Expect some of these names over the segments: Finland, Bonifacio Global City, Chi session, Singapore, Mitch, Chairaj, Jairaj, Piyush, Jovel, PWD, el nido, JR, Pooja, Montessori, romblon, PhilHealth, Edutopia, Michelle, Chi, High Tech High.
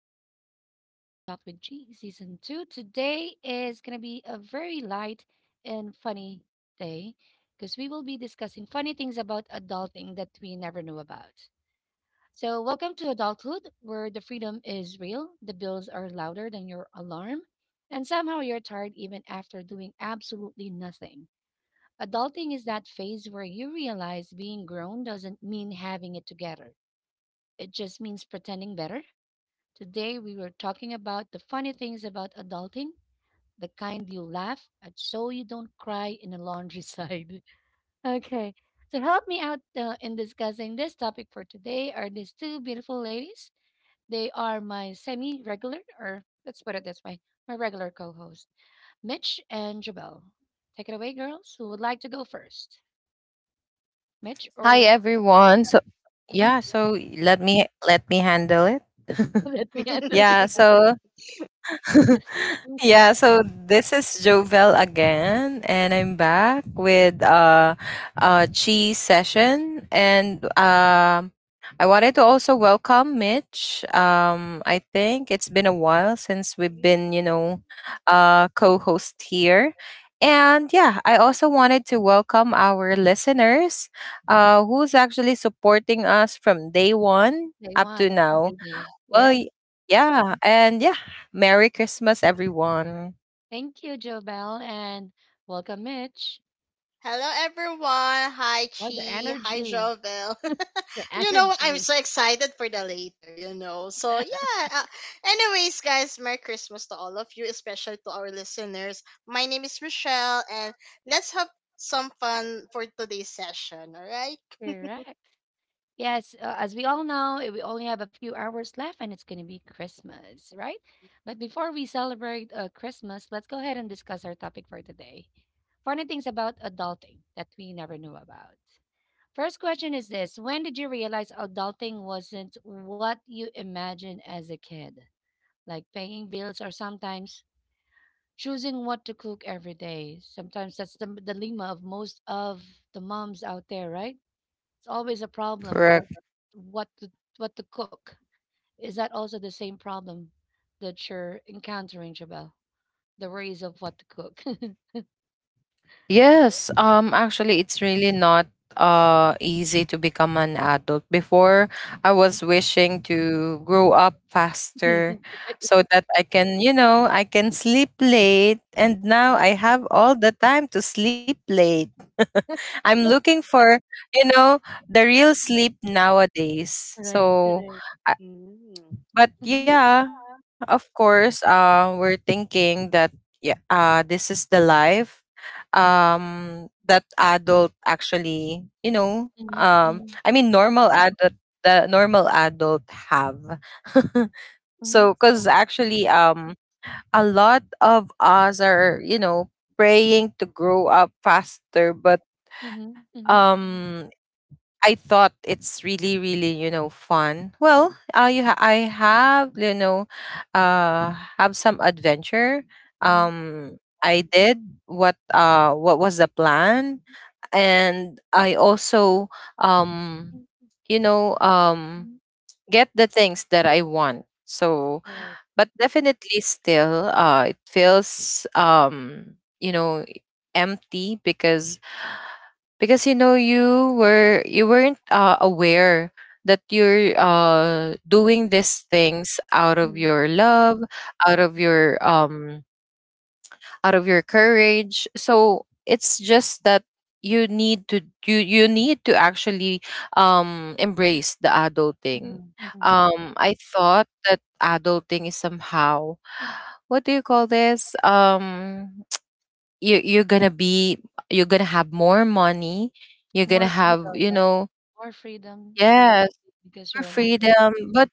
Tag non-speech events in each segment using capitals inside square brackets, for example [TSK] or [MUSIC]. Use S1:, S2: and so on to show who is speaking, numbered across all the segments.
S1: Welcome to Daily Talk with G Season 2. Today is going to be a very light and funny day because we will be discussing funny things about adulting that we never knew about. So, welcome to adulthood, where the freedom is real, the bills are louder than your alarm, and somehow you're tired even after doing absolutely nothing. Adulting is that phase where you realize being grown doesn't mean having it together, it just means pretending better. Today we were talking about the funny things about adulting, the kind you laugh at so you don't cry in a laundry side. [LAUGHS] Okay, to help me out in discussing this topic for today are these two beautiful ladies. They are my semi regular, or let's put it this way, my regular co host, Mitch and Jabel. Take it away, girls. Who would like to go first? Mitch
S2: Hi
S1: or
S2: everyone. So yeah,
S1: [LAUGHS]
S2: so let me handle it.
S1: let me
S2: [LAUGHS]
S1: handle it?
S2: yeah,
S3: [LAUGHS]
S2: so [LAUGHS]
S1: [LAUGHS]
S2: This is Jovel again, and I'm back with Chi session, and I wanted to also welcome Mitch. I think it's been a while since we've been, co-host here, and yeah, I also wanted to welcome our listeners, who's actually supporting us from day one
S1: They
S2: up to
S1: won. I thought they
S2: now.
S1: did.
S2: Well,
S1: Yes.
S2: y- yeah, and yeah, Merry Christmas, everyone.
S1: Thank you, Jobel, and welcome, Mitch.
S3: Hello everyone. Hi
S1: Oh, the
S3: Chi. Hi
S1: energy,
S3: Jovel.
S1: the
S3: [LAUGHS]
S1: [LAUGHS]
S3: I'm
S1: energy.
S3: so excited for the later. Anyways, guys, Merry Christmas to all of you, especially to our listeners. My name is Michelle and let's have some fun for today's session, all right?
S1: Correct. Yes, as we all know, we only have a few hours left and it's going to be Christmas, right? But before we celebrate Christmas, let's go ahead and discuss our topic for today. Funny things about adulting that we never knew about. First question is this: When did you realize adulting wasn't what you imagined as a kid? Like paying bills or sometimes choosing what to cook every day. Sometimes that's the dilemma of most of the moms out there, right? It's always a problem
S2: Correct.
S1: what to what to cook. Is that also the same problem that you're encountering, Jabel? The worries of what to cook. [LAUGHS]
S2: Yes. Actually, it's really not easy to become an adult. Before, I was wishing to grow up
S1: Yes,
S2: faster, so that I can, you know, I can sleep late. And now
S1: right.
S2: I have all the time to sleep late. [LAUGHS] I'm looking for, you know, the real
S1: Yes,
S2: sleep nowadays.
S1: correct,
S2: So
S1: correct.
S3: Mm-hmm.
S2: but
S1: Mhm,
S2: yeah, of course, we're thinking that yeah, this is the life that adult actually, you know,
S1: mhm, mhm.
S2: I mean, normal adult, the normal adult have. [LAUGHS]
S1: Mm-hmm.
S2: So because actually, a lot of us are, you know, praying to grow up faster, but
S1: Mhm, mhm.
S2: um I thought it's really, really, you know, fun. Well, I have, you know, uh, have some adventure.
S1: Mm-hmm.
S2: I did what was the plan, and I also um, you know, get the things that I want. So,
S1: Correct.
S2: but definitely still, it feels you know, empty because you know you weren't aware that you're doing these things out of
S1: Mm-hmm.
S2: your love, out of your um out of your courage. So it's just that you need to you you need to actually embrace the adulting.
S1: Mm-hmm.
S2: I thought that adulting is somehow, what do you call this you you're gonna be, you're gonna have more money, you're gonna
S1: More
S2: have,
S1: freedom,
S2: you
S1: right?
S2: know,
S1: More freedom to do
S2: yes,
S1: everything because
S2: more
S1: you're an adult.
S2: freedom. but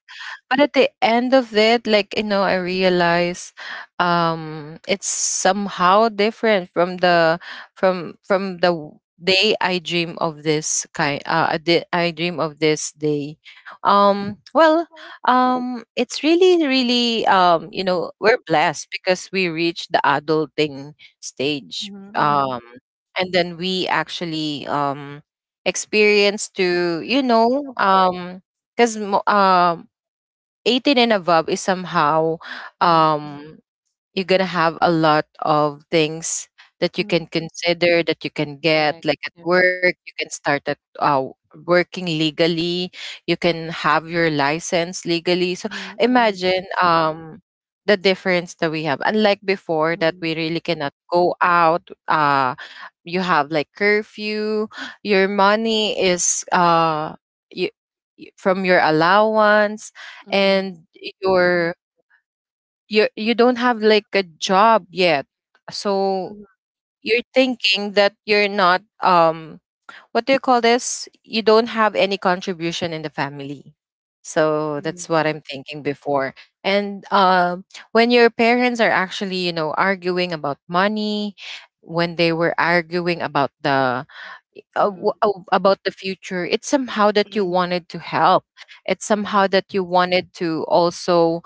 S2: but at the end of it, like, you know, I realize it's somehow different from the day I dream of this kind. I dream of this day. Um well, it's really really you
S1: Mhm,
S2: know, we're blessed because we reached the adulting stage.
S1: mhm, mhm.
S2: And then we actually experience to, you
S1: Yeah.
S2: know, because 18 and above is somehow,
S1: Mhm,
S2: um, you're gonna have a lot of things that you
S1: mhm.
S2: can consider, that you can get,
S1: Correct,
S2: like at
S1: correct.
S2: work you can start at working legally, you can have your license legally. So
S1: Mhm, mhm,
S2: imagine the difference that we have unlike before, that
S1: mhm,
S2: we really cannot go out. You have like curfew, your money is you, from your allowance,
S1: mhm.
S2: and
S1: Yes.
S2: your you don't have like a job yet, so
S1: Mhm,
S2: you're thinking that you're not what do you call this you don't have any contribution in the family. So
S1: mhm,
S2: that's what I'm thinking before. And when your parents are actually, you know, arguing about money, when they were arguing about the
S1: mhm,
S2: about the future, it's somehow that you
S3: Mm-hmm.
S2: wanted to help, it's
S1: mhm, mhm.
S2: somehow that you wanted to also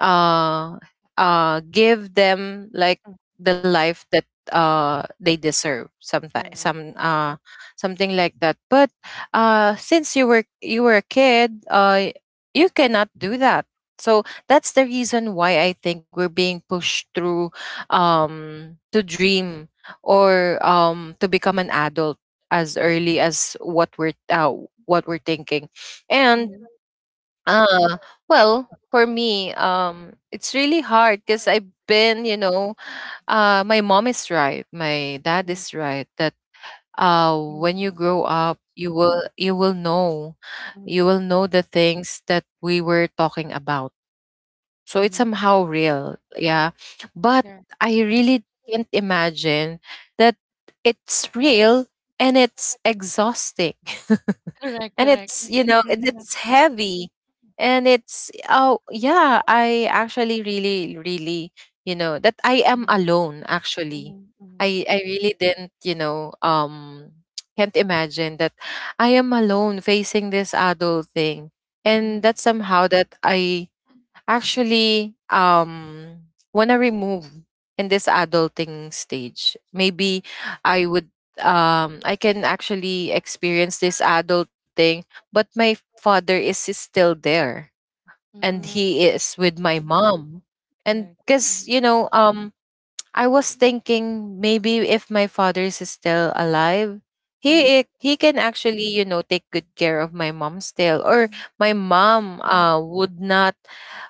S2: uh give them like the life that they deserve, sometimes
S1: Correct.
S2: something like that. But since you were a kid, you cannot do that. So that's the reason why I think we're being pushed through to dream or to become an adult as early as what we're thinking.
S1: Mhm,
S2: And
S1: mhm,
S2: uh well for me it's really hard because I've been, you know, my mom is right, my dad is right, that when you
S3: Mm-hmm.
S2: grow up you will know,
S1: mhm,
S2: you will know the things that we were talking about. So it's
S1: mhm.
S2: somehow real, yeah, but
S1: Correct.
S2: I really can't imagine that it's real and it's exhausting. [LAUGHS]
S1: Correct,
S2: And
S1: correct.
S2: it's, you know, and
S1: Mhm,
S3: Mm-hmm.
S2: it's heavy, and it's, oh yeah, I actually really really, you know, that I am
S1: mhm,
S2: alone actually.
S1: mhm, mhm,
S2: I really didn't, you know, [TSK] can't imagine that I am alone facing this adult thing, and
S1: mhm,
S2: that somehow that I actually, wanna remove in this adulting stage.
S1: mhm,
S2: Maybe I would I can actually experience this adulting, but my father is still there and
S1: mhm.
S2: he is with my mom. And
S1: Correct. Mhm,
S2: because, you know, I was
S1: mhm,
S2: thinking, maybe if my father is still alive,
S1: mhm,
S2: he can actually, you know, take good care of my mom still, or
S1: mhm,
S2: my mom would not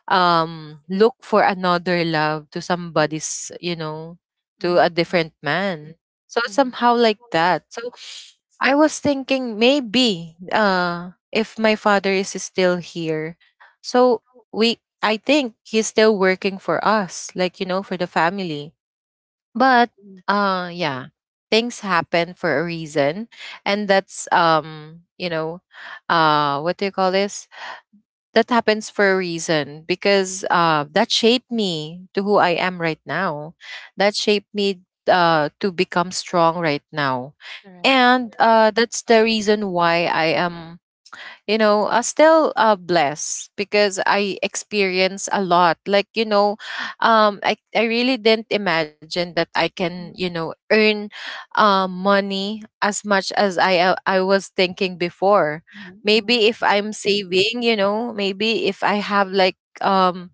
S2: look for another love to
S1: mhm,
S2: somebody's, you know, to
S1: mhm,
S2: a different man. So
S1: mhm, mhm,
S2: somehow like that. So I was thinking maybe if my father is still here, so we I think he's still working for us, like, you know, for the family. But
S1: mhm.
S2: yeah, things happen for a reason, and that's you know, what do you call this that happens for a reason, because that shaped me to who I am right now, that shaped me to become strong right now.
S1: Correct.
S2: And that's the reason why I am, you know, still blessed because I experience a lot. Like, you know, I really didn't imagine that I
S1: Mhm,
S2: can, you know, earn money as much as I was thinking before.
S1: mhm, mhm,
S2: Maybe if I'm saving, you know, maybe if I have like, um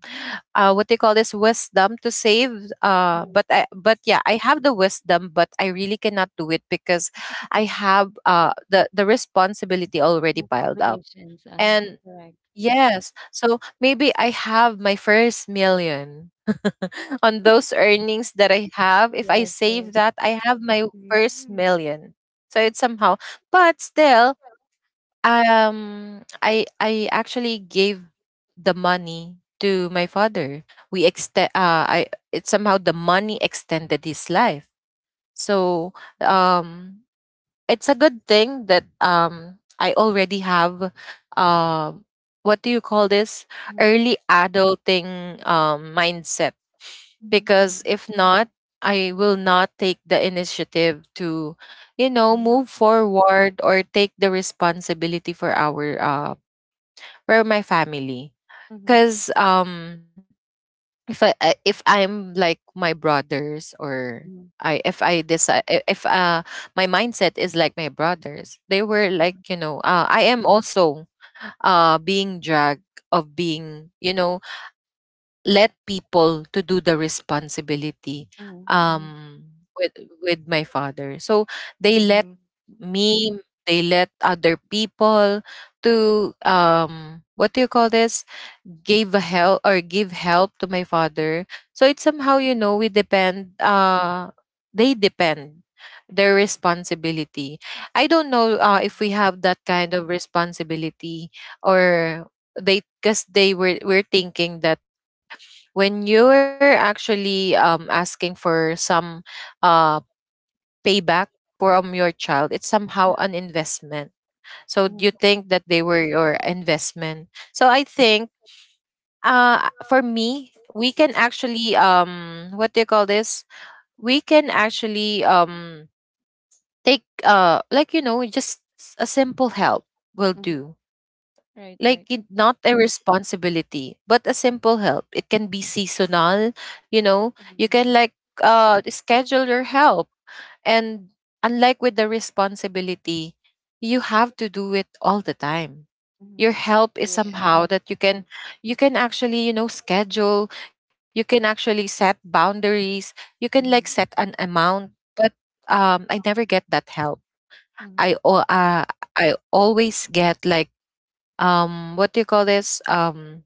S2: what they call this, wisdom to save.
S1: mhm,
S2: But yeah, I have the wisdom but I really cannot do it because I have the responsibility already
S1: mhm.
S2: piled up.
S1: Obligations. Uh-huh.
S2: And
S1: Correct.
S2: yes, so maybe I have my first million. [LAUGHS] On those earnings that I have, if
S1: Yes,
S2: I save
S1: yes.
S2: that, I have my first million. So it's somehow, but still, I actually gave the money to my father. We extend. I It somehow the money extended his life. So um, it's a good thing that I already have uh, what do you call this
S1: Mhm,
S2: early adulting mindset.
S1: mhm, mhm,
S2: Because if not, I will not take the initiative to, you
S1: you
S2: know,
S1: mhm, know?
S2: move forward or take the responsibility for our for my family.
S1: Mhm,
S2: Because if if I'm like my brothers, or
S1: mhm,
S2: I if I decide, if my mindset is like my brothers, they were
S1: mhm,
S2: like, you know, I am also being dragged, of being, you know, let people to do the responsibility
S1: mhm, mhm,
S2: um with my father. So they
S1: mhm,
S2: let
S3: Mm-hmm.
S2: me they let other people to what do you call this gave a help or give help to my father. So it's somehow, you know, we depend they depend their responsibility. I don't know if we have that kind of responsibility, or they, because they were we're thinking that when you're actually asking for some uh payback from your child, it's somehow an investment. So you
S1: mhm,
S2: think that they were your investment. So I think for me we can actually what do you call this we can actually take like, you know, just a simple help will
S1: mhm.
S2: do,
S1: Right, right.
S2: like it, not a responsibility but a simple help. It can be seasonal, you know, you can
S3: Mm-hmm.
S2: like schedule your help. And unlike with the responsibility, you have to do it all the time.
S1: Mhm,
S2: Your help is
S3: Yeah.
S2: somehow that you can, you
S1: you
S2: can
S1: can
S2: actually, you
S1: actually,
S2: know,
S1: you know,
S2: schedule, you can actually set boundaries, you can like set
S1: mhm,
S2: an amount. But I never get that help. i
S1: mhm,
S2: al- uh, I always get like, what do you call this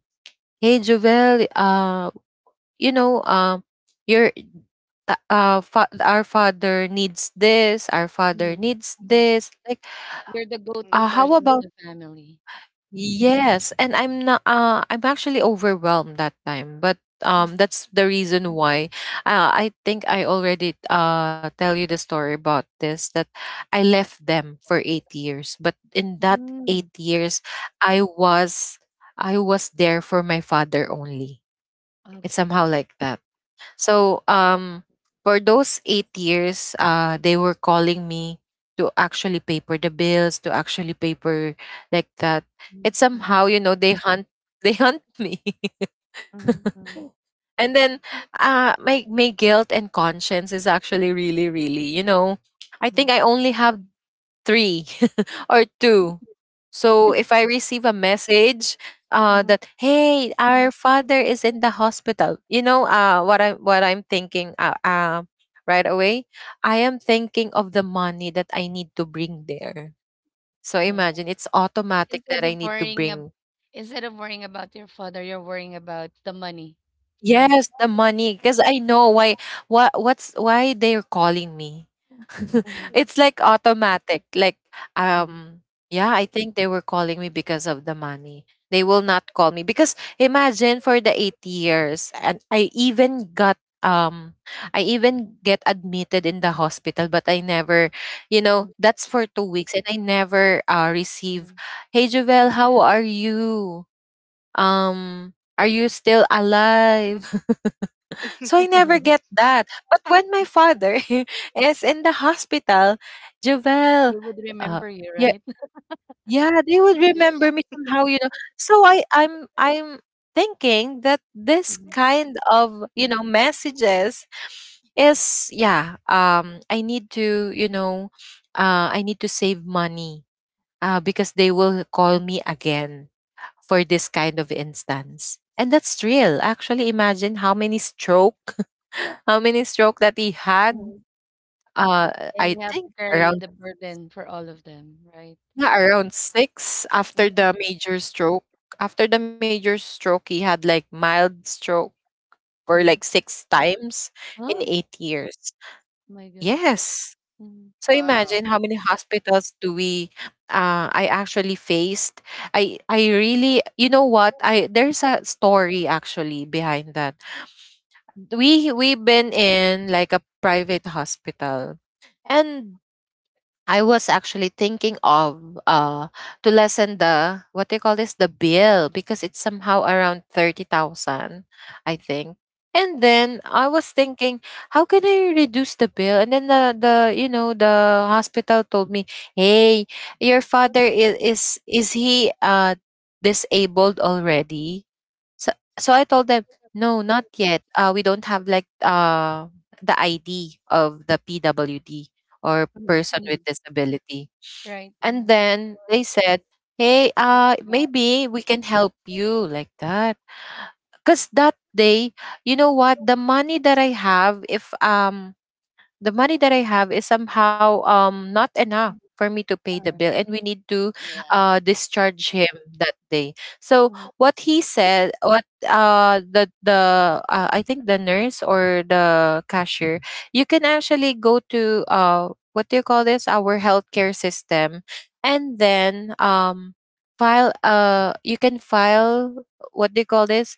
S2: hey Jovel, you know um your our father needs this, our father needs
S1: mhm,
S2: this, like
S1: you're the go-to mhm,
S2: how
S1: person
S3: Mm-hmm.
S1: of
S2: about
S1: the family.
S2: yes, and I'm not. I'm actually overwhelmed that time, but
S1: Mhm,
S2: that's the reason why. I think I already tell you the story about this, that I left them for 8 years, but in that eight
S1: mhm.
S2: years, I was I was there for my father only. It's
S1: Okay.
S2: somehow like that. So for those 8 years, they were calling me to actually pay for the bills, to actually pay for like that. It's
S1: Exactly.
S2: somehow, you know, they hunt [LAUGHS] they hunt me.
S1: Mhm, mhm,
S2: [LAUGHS]
S1: exactly.
S2: And then my my guilt and conscience is actually really, really, you know, I
S1: Mhm, mhm,
S2: think
S1: mhm,
S2: I only have three [LAUGHS] or two. So if I receive a message,
S1: mhm.
S2: that hey, our father is in the hospital, you know, what I'm thinking right away, I am thinking of the money that I need to bring there. So
S1: Yes. Exactly.
S2: imagine it's automatic
S1: Instead
S2: that I
S1: of
S2: need to
S1: worrying ab-
S2: bring,
S1: Instead of worrying about your father, you're worrying about the money, right?
S2: yes, the money. Because I know why what's why they're calling me. [LAUGHS]
S1: Mhm,
S2: It's like automatic. Like
S1: mhm,
S2: um yeah, I think they were calling me because of the money. They will not call me because imagine for the 8 years. And I even get admitted in the hospital, but I never,
S1: mhm,
S2: that's for 2 weeks. And I never, receive,
S1: mhm.
S2: hey Jovel, how are you? Um are you still alive? [LAUGHS] So I never
S3: [LAUGHS]
S2: get
S1: [LAUGHS]
S2: that. But when my father [LAUGHS] is in the hospital, Jovel,
S1: They would
S2: uh,
S1: remember you,
S2: yeah,
S1: right?
S2: yeah, they would
S3: Yeah.
S2: remember me somehow, you know. So I'm thinking that this kind of, messages is. Yeah. I need to, you know, I need to save money, because they will call me again for this kind of instance. And that's real. Actually, imagine how many stroke, [LAUGHS] how many stroke that he had.
S1: [LAUGHS]
S2: Uh,
S1: And you
S2: I
S1: have to
S2: think
S1: carry
S2: around,
S1: the burden for all of them, right?
S2: yeah, around six after
S1: Mhm,
S2: the major stroke. After the major stroke, he had like mild stroke for like
S1: mhm.
S2: six times in
S1: Oh
S2: 8 years.
S1: my God.
S2: Yes.
S1: Mhm.
S2: So imagine
S3: Wow.
S2: how many hospitals do we, I actually faced. I really, you know what? I There's a story actually behind that. We've been in like a private hospital, and I was actually thinking of, to lessen the, what they call this, the bill, because it's somehow around 30,000, I think. And then I was thinking, how can I reduce the bill? And then the you know the hospital told me, hey, your father is he, disabled already? So, so I told them, no, not yet. We don't have like, the ID of the PWD, or
S1: Mhm,
S2: person with
S1: mhm.
S2: disability.
S1: Right.
S2: And then they said, hey,
S3: Mm-hmm.
S2: maybe we can help you like that. Because that day, you know what? The money that I have, if the money that I have is somehow not enough for me to pay the
S1: Yeah.
S2: bill, and we need to
S3: Yeah.
S2: discharge him that day. So what he said, what, the I think the nurse or the cashier, you can actually go to, what do you call this, our healthcare system, and then file, you can file, what do you call this,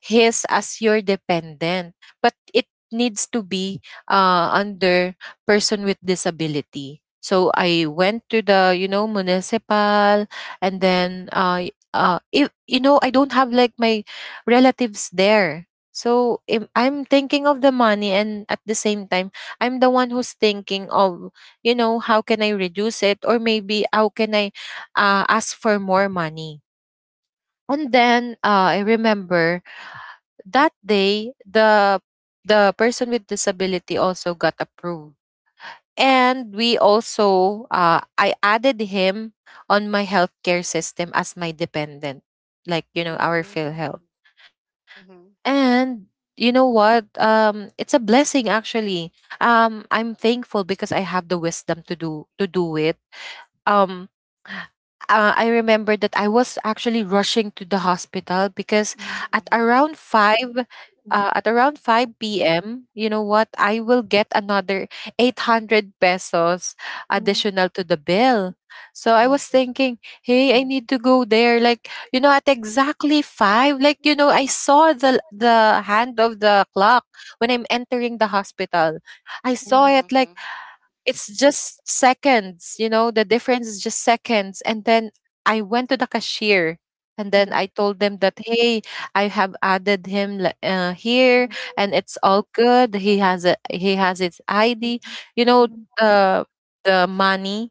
S2: his, as your dependent. But it needs to be, under person with disability. So I went to the, municipal, and then, if, I don't have like my relatives there. So, I'm thinking of the money, and at the same time, I'm the one who's thinking of, how can I reduce it? Or maybe, how can I, ask for more money? And then, I remember that day, the person with disability also got approved. And we also, I added him on my healthcare system as my dependent, like, our
S3: Mm-hmm.
S2: PhilHealth.
S3: Mm-hmm.
S2: And you know what? It's a blessing, actually. I'm thankful, because I have the wisdom to do it. um I remember that I was actually rushing to the hospital because
S1: Mhm,
S2: at
S3: Mm-hmm.
S2: around five,
S1: mhm,
S2: at around 5 p.m., you know what? I will get another 800 pesos
S1: mhm.
S2: additional to the bill. So I
S1: Oh my
S2: was
S1: God.
S2: thinking, hey, I need to go there. Like, at exactly five, like, I saw the hand of the clock when I'm entering the hospital. I saw
S1: Mhm,
S2: it
S3: Mm-hmm.
S2: like, it's just seconds, the difference is just seconds. And then I went to the cashier, and then
S1: mhm,
S2: I told them that, hey, I have added him, here, and it's all good. He has a, he has his
S1: mhm,
S2: ID, you know,
S1: mhm, mhm,
S2: the the money,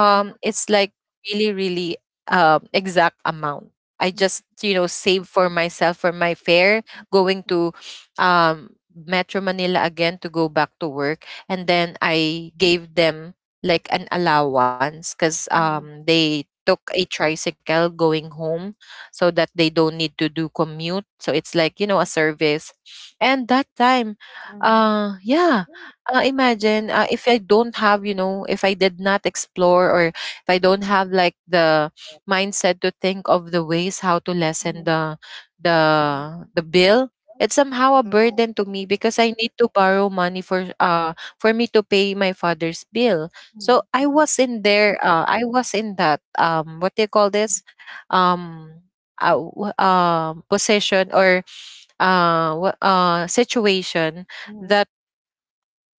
S1: mhm,
S2: it's like really really, exact amount. I just, save for myself for my fare, going to, um Metro Manila again, to go back to work. And then I gave them like an allowance, because
S1: mhm,
S2: they took a tricycle going home, so that they don't need to do commute. So it's like, a service. And that time,
S1: mhm,
S2: yeah, imagine, if I don't have, if I did not explore, or if I don't have like the mindset to think of the ways how to
S1: mhm,
S2: lessen
S1: mhm,
S2: the, the the bill. It's somehow a burden
S3: Mm-hmm.
S2: to me because I need to borrow money for, for me to pay my father's bill. So I
S1: mhm,
S2: was in there. I was in that, what do you call this? Um, Position, or situation,
S1: mhm.
S2: that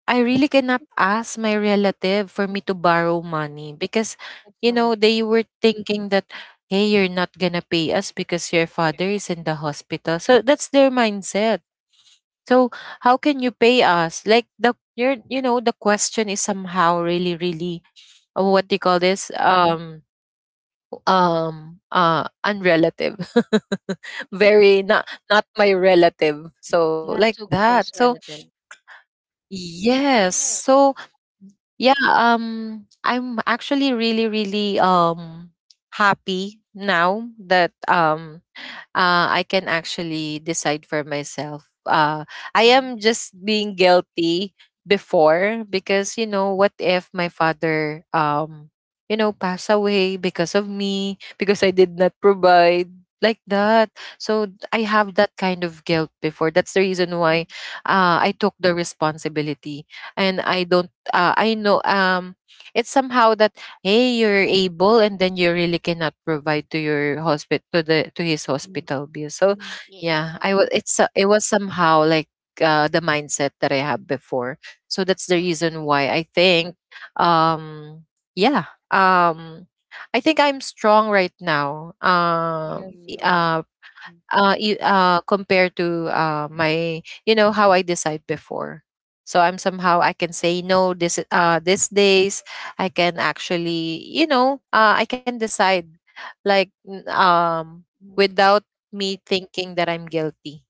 S2: I really cannot ask my relative for me to borrow money, because
S1: That's hard.
S2: they were thinking that, hey, you're not gonna pay us because your father is in the hospital. So that's their mindset. So how can you pay us? Like, the, you're, you know the question is somehow really really, what
S1: Mhm,
S2: do you call this, unrelative. [LAUGHS] Very not my relative, so
S1: not
S2: like
S1: too
S2: that.
S1: close
S2: So
S1: relative.
S2: yes. So yeah, I'm actually really really, happy now that, I can actually decide for myself. I
S1: Mhm,
S2: am just being guilty before,
S1: mhm,
S2: because, you know, what if my father pass away, because of me, because I did not provide like that. So, I have that kind of guilt before. That's the reason why, I took the responsibility. And I don't. I know, it's somehow that, hey, you're able, and then you really cannot provide to your hospital, to his
S1: mhm,
S2: hospital bill. So
S1: mhm.
S2: yeah,
S3: Yeah.
S2: I was it's so- it was somehow like, the mindset that I had before. So that's the reason
S3: Mm-hmm.
S2: why um yeah um I think I'm strong right now,
S1: Yes, you
S3: Mm-hmm.
S1: are.
S2: you, compared to, my, how I decide before. So I'm somehow, I can say no this these days. I can actually, you know I can decide, like,
S1: Mhm,
S2: without me thinking that I'm guilty.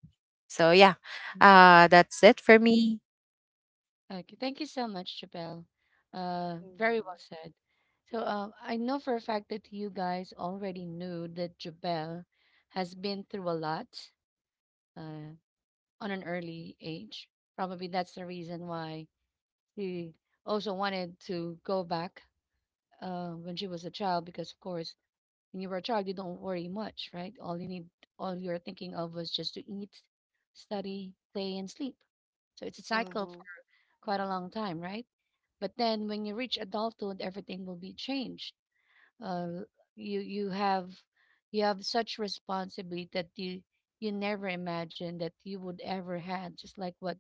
S2: So yeah,
S1: mhm.
S2: that's it for me.
S1: Okay, thank you so much, Chappelle. Very
S3: Mm-hmm.
S1: well said. So, I know for a fact that you guys already knew that Jabel has been through a lot uh, on an early age. Probably that's the reason why she also wanted to go back when she was a child, because of course, when you were a child, you don't worry much, right? All you need, all you're thinking of was just to eat, study, play, and sleep. So it's a cycle
S3: Mm-hmm.
S1: for quite a long time, right? But then when you reach adulthood, everything will be changed. Uh, you you have you have such responsibility that you never imagined that you would ever had. Just like what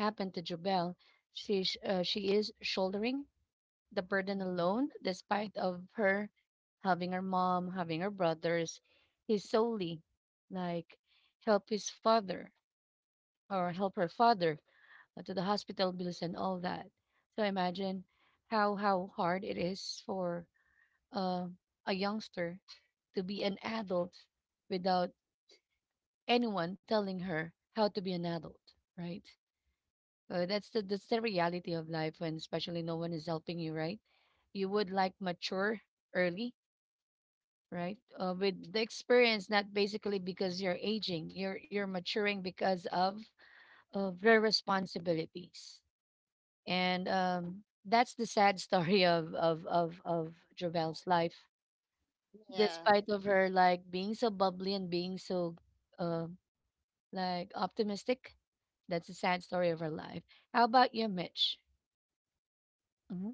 S1: happened to Jobel, she is shouldering the burden alone, despite of her having her mom, having her brothers. He solely like help his father or help her father to the hospital bills and all that. So imagine how hard it is for uh, a youngster to be an adult without anyone telling her how to be an adult, right? That's the reality of life when especially no one is helping you, right? You would like mature early, right? With the experience, not basically because you're aging, you're maturing because of the responsibilities. And that's the sad [LAUGHS] story of Jovelle's life,
S3: Yeah.
S1: despite of her like being so bubbly and being so uh, like optimistic. That's the sad story of her life. How about you, Mitch? hmm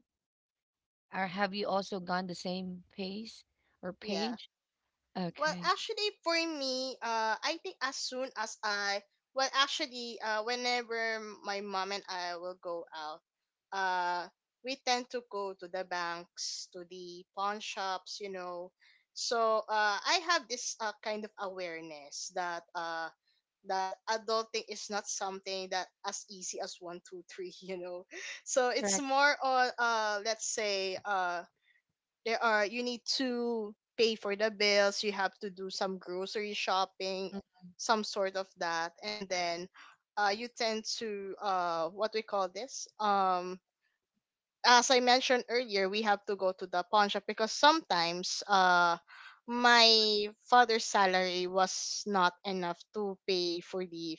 S1: Or have you also gone the same pace or
S3: Yeah.
S1: page? Okay,
S3: I think as soon as I, whenever my mom and I will go out, uh, we tend to go to the banks, to the pawn shops, you know. So, I have this kind of awareness that that adulting is not something that as easy as one, two, three, [LAUGHS] you know. So it's
S1: correct.
S3: more on, let's say, there are you need to pay for the bills. You have to do some grocery shopping, some sort of that. And then you tend to what we call this as I mentioned earlier, we have to go to the pawn shop because sometimes my father's salary was not enough to pay for the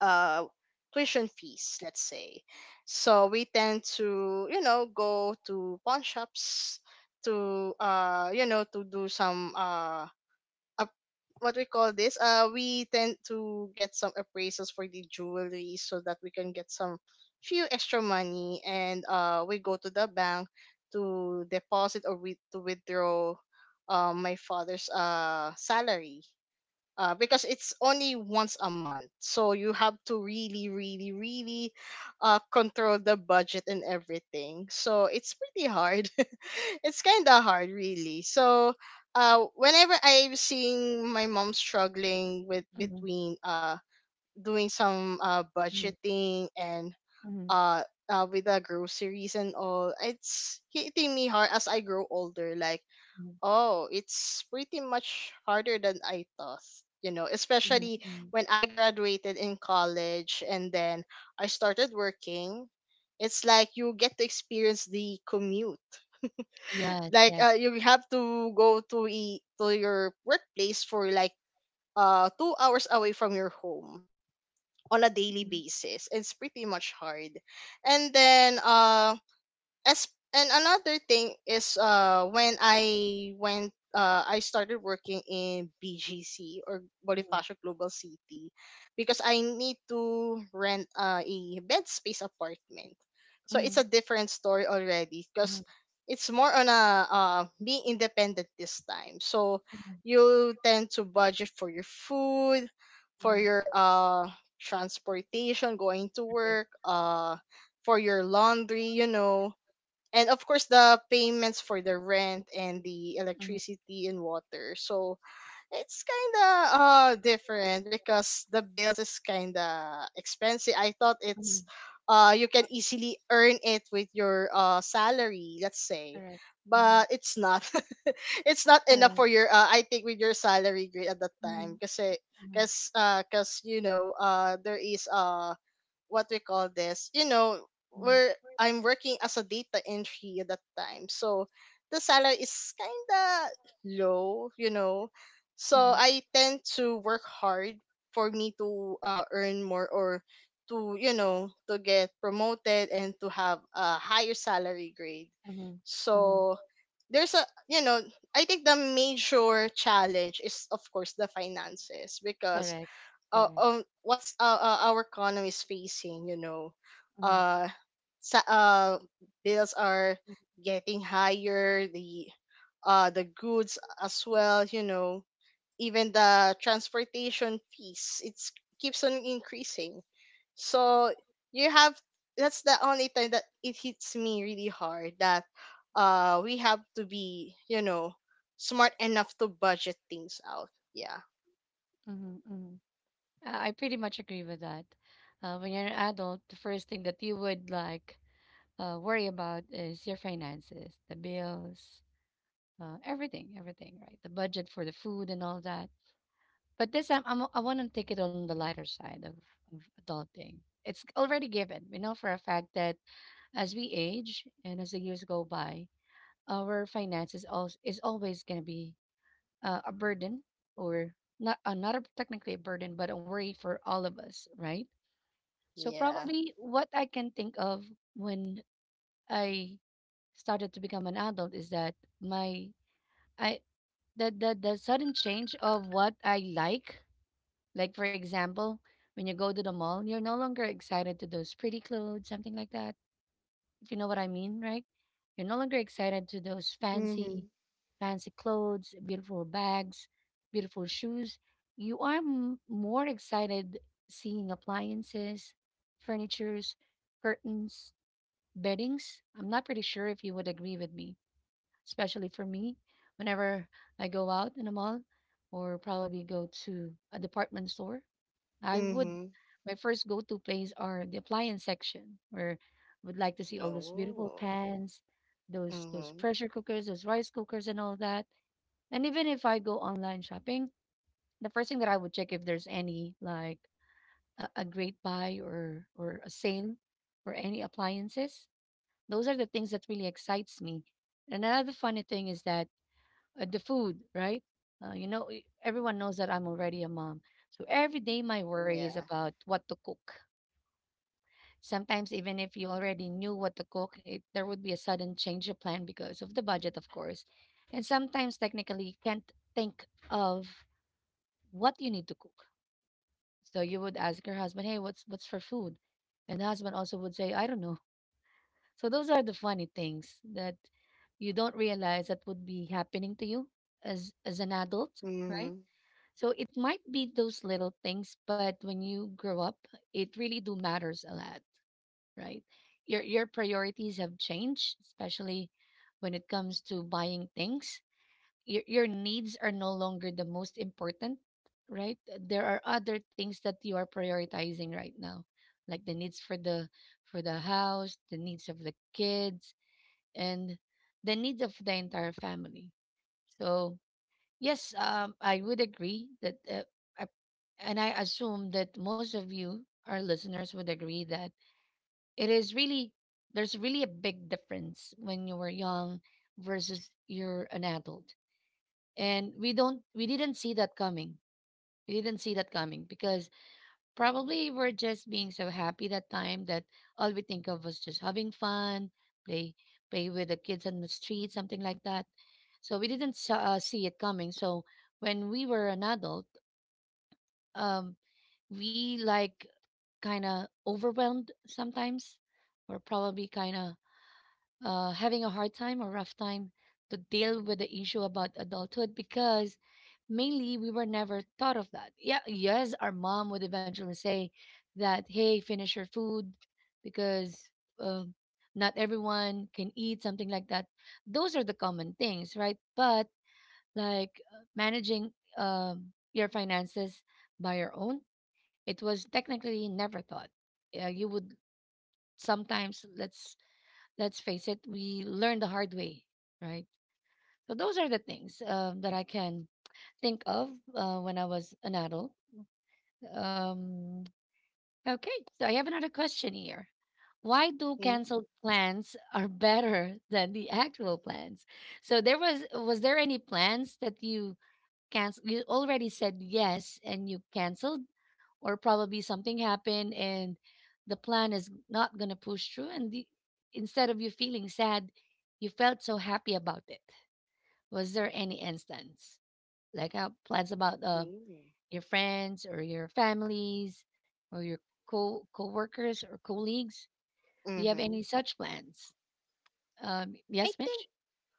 S3: uh tuition fees, let's say. So we tend to, you know, go to pawn shops to, you know, to do some up- what we call this we tend to get some appraisals for the jewelry so that we can get some few extra money. And we go to the bank to deposit or with to withdraw my father's salary, because it's only once a month. So you have to really, really, really control the budget and everything. So it's pretty hard. [LAUGHS] It's kind of hard, really. So whenever I'm seeing my mom struggling with
S1: Mhm,
S3: between doing some
S1: mhm,
S3: budgeting and
S1: mhm,
S3: uh, with the groceries and all, it's hitting me hard as I grow older. Like,
S1: mhm,
S3: oh, it's pretty much harder than I thought. You know,
S1: mhm,
S3: especially
S1: mhm.
S3: when I graduated in college and then I started working. It's like you get to experience the commute.
S1: Yes,
S3: Like
S1: yes.
S3: you have to go to to your workplace for like 2 hours away from your home on a daily
S1: Mhm,
S3: basis. It's pretty much hard. And then as and another thing is when I went I started working in BGC or
S1: mhm,
S3: Bonifacio Global City because I need to rent a bed space apartment. So
S1: mhm,
S3: it's a different story already
S1: mhm,
S3: because it's more on a being independent this time. So
S1: mhm,
S3: you tend to budget for your food, for
S1: mhm.
S3: your transportation going to
S1: Right.
S3: work, for your laundry, you know, and of course the payments for the rent and the
S1: Mhm,
S3: electricity and water. So it's kind of different because the bills is kind of expensive. I thought
S1: mhm.
S3: it's you can easily earn it with your salary, let's say,
S1: Correct. Mhm,
S3: but it's not. [LAUGHS] It's not enough
S1: correct.
S3: for your I think with your salary grade at that time,
S1: Mhm,
S3: because
S1: mhm,
S3: because you know there is a what we call this, you know,
S1: mhm.
S3: where I'm working as a data entry at that time. So the salary is kinda low, you know. So
S1: Mhm,
S3: I tend to work hard for me to earn more or to, you know, to get promoted and to have a higher salary grade.
S1: mhm, mhm.
S3: So there's a, you know, I think the major challenge is of course the finances because
S1: Correct. Correct.
S3: what's our economy is facing, you know,
S1: Mhm,
S3: uh, sa- uh bills are getting higher, the goods as well, you know, even the transportation fees. It keeps on increasing. So you have that's the only time that it hits me really hard that we have to be, you know, smart enough to budget things out. Yeah.
S1: mhm, mhm. I pretty much agree with that. When you're an adult, the first thing that you would like worry about is your finances, the bills, everything, everything, right? The budget for the food and all that. But this time, I want to take it on the lighter side of adulting. It's already given. We know for a fact that as we age and as the years go by, our finances also is always going to be a burden or not technically a burden but a worry for all of us, right? So
S3: Yeah.
S1: probably what I can think of when I started to become an adult is that my I the sudden change of what I like. Like, for example, when you go to the mall, you're no longer excited to those pretty clothes, something like that, if you know what I mean, right? You're no longer excited to those fancy
S3: Hmm.
S1: fancy clothes, beautiful bags, beautiful shoes. You are more excited seeing appliances, furnitures, curtains, beddings. I'm not pretty sure if you would agree with me, especially for me. Whenever I go out in a mall or probably go to a department store, I would,
S3: Mhm.
S1: my first go to place are the appliance section where I would like to see all those beautiful
S3: Oh.
S1: pans, those
S3: Mhm.
S1: pressure cookers, those rice cookers and all that. And even if I go online shopping, the first thing that I would check if there's any like a great buy or a sale or any appliances. Those are the things that really excites me. And another funny thing is that the food, right? Everyone knows that I'm already a mom. So every day my worry is
S3: Yeah.
S1: about what to cook. Sometimes even if you already knew what to cook, there would be a sudden change of plan because of the budget, of course. And sometimes technically you can't think of what you need to cook. So you would ask your husband, "Hey, what's for food?" And the husband also would say, "I don't know." So those are the funny things that you don't realize that would be happening to you as an adult, right?
S3: Mhm.
S1: So it might be those little things, but when you grow up, it really do matters a lot, right? Your priorities have changed, especially when it comes to buying things. Your needs are no longer the most important, right? There are other things that you are prioritizing right now, like the needs for the house, the needs of the kids, and the needs of the entire family. So yes, I would agree that, I, and I assume that most of you, our listeners, would agree that it is really there's really a big difference when you were young versus you're an adult, and we didn't see that coming. We didn't see that coming because probably we're just being so happy that time that all we think of was just having fun, play play with the kids on the street, something like that. So we didn't see it coming. So when we were an adult, um we like kind of overwhelmed sometimes, or probably kind of having a hard time or rough time to deal with the issue about adulthood because mainly we were never thought of that. Yeah, yes, our mom would eventually say that, hey, finish your food because uh, not everyone can eat, something like that. Those are the common things, right? But like managing um, your finances by your own, it was technically never thought. Yeah, you would sometimes, let's face it, we learn the hard way, right? So those are the things that I can think of when I was an adult. Um, okay, so I have another question here. Why do
S3: Mm,
S1: canceled plans [LAUGHS] are better than the actual plans? So there was there any plans that you cancel, you already said yes and you canceled, or probably something happened and the plan is not going to push through and instead of you feeling sad you felt so happy about it? Was there any instance like plans about
S3: mm,
S1: your friends or your families or your co co-workers or colleagues? Do you have
S3: mhm.
S1: any such plans?
S3: I
S1: Yes,
S3: think
S1: Mitch.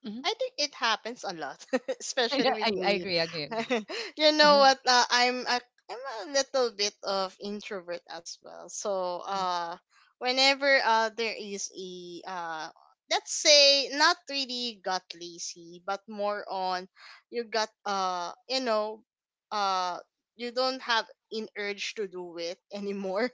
S1: hmm [LAUGHS]
S3: I think it happens a lot, [LAUGHS]
S1: I,
S3: especially
S1: I
S3: with
S1: I
S3: me.
S1: agree, I agree, I agree.
S3: [LAUGHS] You know
S1: Uh-huh.
S3: what? I'm a little bit of introvert as well. So
S1: Mm,
S3: whenever there is a, let's say not really got lazy, but more on you got uh you don't have an urge to do it [LAUGHS] anymore,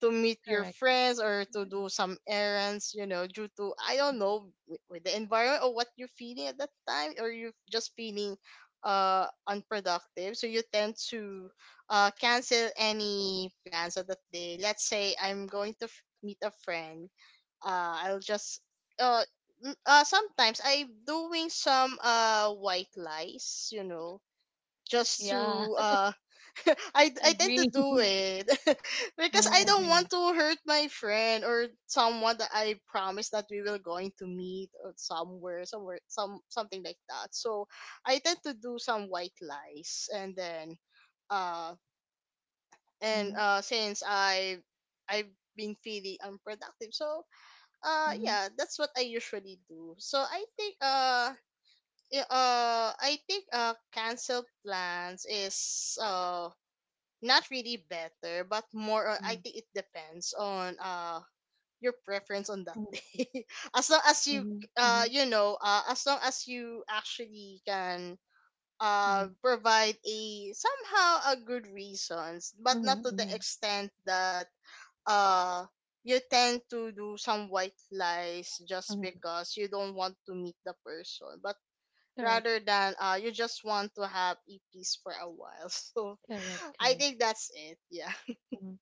S3: to meet your
S1: correct.
S3: friends or to do some errands, you know, due to I don't know with the environment or what you're feeling at that time, or you're just feeling unproductive. So you tend to cancel any plans of that day. Let's say I'm going to meet a friend. Uh, I'll just uh. Sometimes I'm doing some white lies, you know, just
S1: Yeah.
S3: to uh [LAUGHS] I
S1: [LAUGHS] I
S3: I tend to
S1: agree.
S3: do
S1: [LAUGHS]
S3: it [LAUGHS] because I don't
S1: Uh-huh,
S3: want to hurt my friend or someone that I promised that we will going to meet or somewhere somewhere some something like that. So I tend to do some white lies. And then uh and
S1: mhm,
S3: since I've been feeling unproductive. So
S1: mhm,
S3: yeah, that's what I usually do. So I think yeah, I think cancel plans is not really better, but more. I
S1: mm,
S3: think it depends on your preference on that [LAUGHS]
S1: mhm,
S3: day. As long as you
S1: mhm, mhm,
S3: you know as long as you actually can
S1: mhm,
S3: provide a somehow a good reasons, but not
S1: mhm,
S3: to the
S1: mhm,
S3: extent that uh you tend to do some white lies just
S1: mhm.
S3: because you don't want to meet the person, but
S1: Correct,
S3: rather than you just want to have a peace for a while. [LAUGHS] So
S1: correct,
S3: I
S1: correct.
S3: think that's it. Yeah.
S1: Mhm.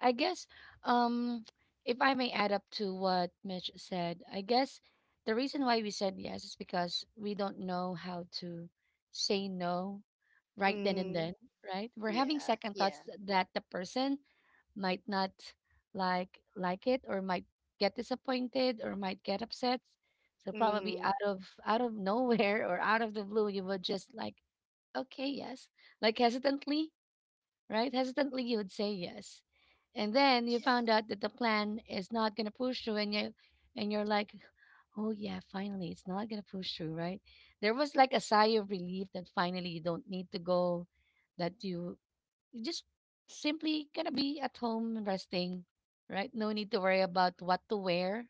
S1: I guess, um, if I may add up to what Mitch said, I guess the reason why we said yes is because we don't know how to say no right then and
S3: Mhm.
S1: then, right? We're having
S3: Yeah.
S1: second
S3: Yeah.
S1: thoughts that the person might not like it, or might get disappointed, or might get upset. So probably
S3: Mhm.
S1: out of [LAUGHS] nowhere or out of the blue, you would just like, okay, yes. Like hesitantly, right? Hesitantly you would say yes. And then you
S3: Yeah.
S1: found out that the plan is not gonna push through, and you're like, oh yeah, finally it's not gonna push through, right? There was like a sigh of relief that finally you don't need to go, that you just simply gonna be at home resting, right? No need to worry about what to wear.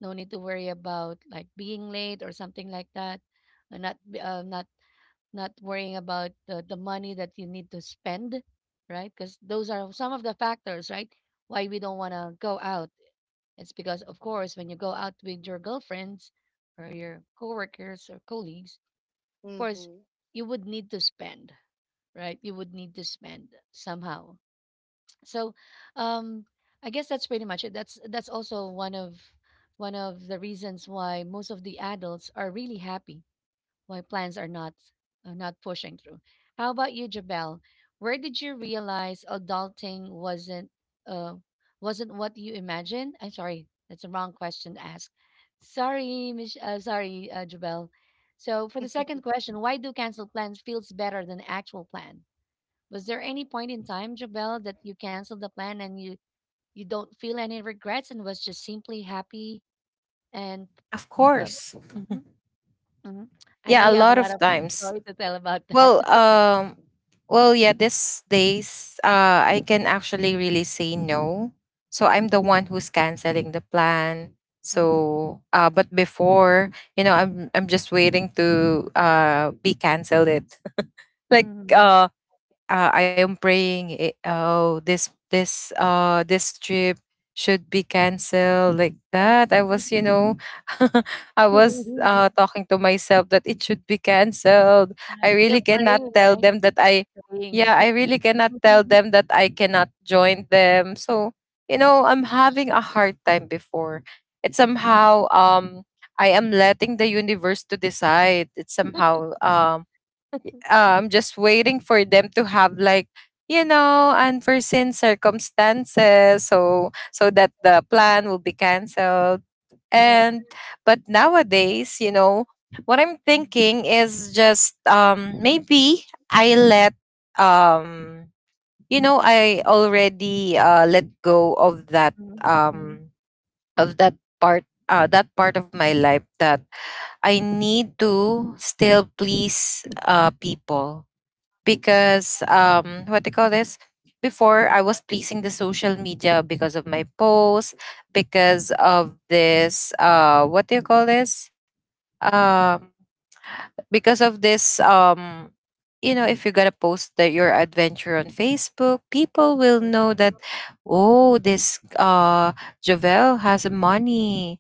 S1: No need to worry about like being late or something like that. Not worrying about the money that you need to spend, right? Because those are some of the factors, right? Why we don't want to go out. It's because, of course, when you go out with your girlfriends or your coworkers or colleagues, of course,
S3: Mhm.
S1: you would need to spend, right? You would need to spend somehow. So um I guess that's pretty much it. That's also one of the reasons why most of the adults are really happy why plans are not, are not pushing through. How about you, Jabel? Where did you realize adulting uh wasn't what you imagined? I'm sorry, that's a wrong question to ask. Sorry, sorry, Jabel. So for the
S3: [LAUGHS]
S1: second question, why do cancel plans feels better than actual plan? Was there any point in time, Jabel, that you canceled the plan and you don't feel any regrets and was just simply happy and
S2: Of
S1: uh,
S2: course.
S1: hmm hmm I know
S2: Yeah, a
S1: you have a
S2: lot
S1: lot
S2: of
S1: of
S2: times.
S1: story to tell about that.
S2: Well, um, yeah,
S1: [LAUGHS]
S2: these days, I can actually really say no. So I'm the one who's canceling the plan.
S1: Mhm, mhm,
S2: So, but before, I'm just waiting to, be canceled it. [LAUGHS] Like,
S1: mhm.
S2: I am praying. Oh, this, this trip should be canceled, like that. I was, you know, [LAUGHS] I was, talking to myself that it should be canceled. I
S1: Right.
S2: really
S1: You're
S2: cannot
S1: praying,
S2: tell
S1: right?
S2: them that I,
S1: Praying, you're
S2: yeah, I
S1: praying.
S2: really cannot tell
S1: Mhm.
S2: them that I cannot join them. So, I'm
S3: Yeah.
S2: having a hard time before. It's somehow, I am letting the universe to decide. It's somehow, just waiting for them to have like, unforeseen circumstances, so that the plan will be canceled.
S1: Correct.
S2: And, but nowadays, you know what I'm
S1: Mhm,
S2: thinking is, just, maybe, i let um I already, let go of that,
S1: mhm, mhm,
S2: um of that part, of my life, that I need to still please, people. Because, what do you call this, before, I
S1: mhm,
S2: was pleasing the social media because of my posts, because of this, what do you call this, um because of this, you know, if you're gonna post that your adventure on Facebook, people will know
S3: Mhm.
S2: that, oh, this, Jovel has money.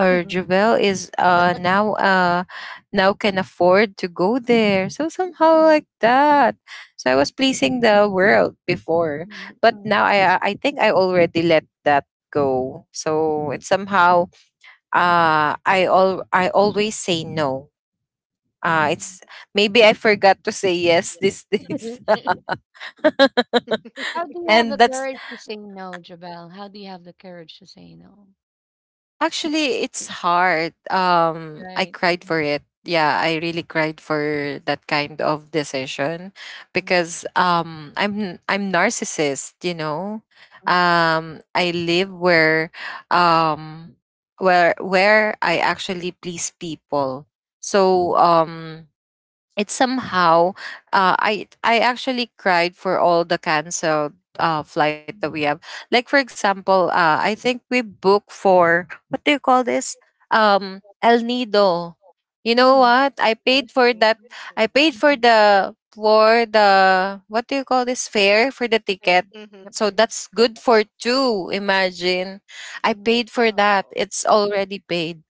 S2: Or
S1: mhm,
S2: Jovel is now can afford to go there, so somehow
S1: mhm,
S2: like that. So I was pleasing the world before. But
S1: mhm,
S2: now I think I already let that go. So it's somehow, I always say no.
S1: mhm,
S2: Mm-hmm.
S1: mhm.
S2: it's Maybe I forgot to say yes these days.
S1: [LAUGHS]
S2: [LAUGHS]
S1: How do you have
S2: and
S1: the
S2: that's
S1: courage to say no, Jabel? How do you have the courage to say no?
S2: actually, it's hard. I
S1: Right.
S2: cried for it. Yeah, I really cried for that kind of decision,
S1: Mm,
S2: because, I'm narcissist, you know.
S1: mm,
S2: I live um where I actually please people. So, it somehow, I actually cried for all the canceled, flight that we
S1: mm,
S2: have. Like, for example, I think we booked for, what do you call this, El Nido. You know
S1: mm,
S2: what I paid for that? I
S3: Mhm.
S2: paid for the, what do you call this, fare for the
S1: true.
S2: ticket.
S3: Mhm.
S1: Yep.
S2: So that's good for two. Imagine, I
S1: Mhm.
S2: paid for that,
S3: Oh.
S2: it's already paid.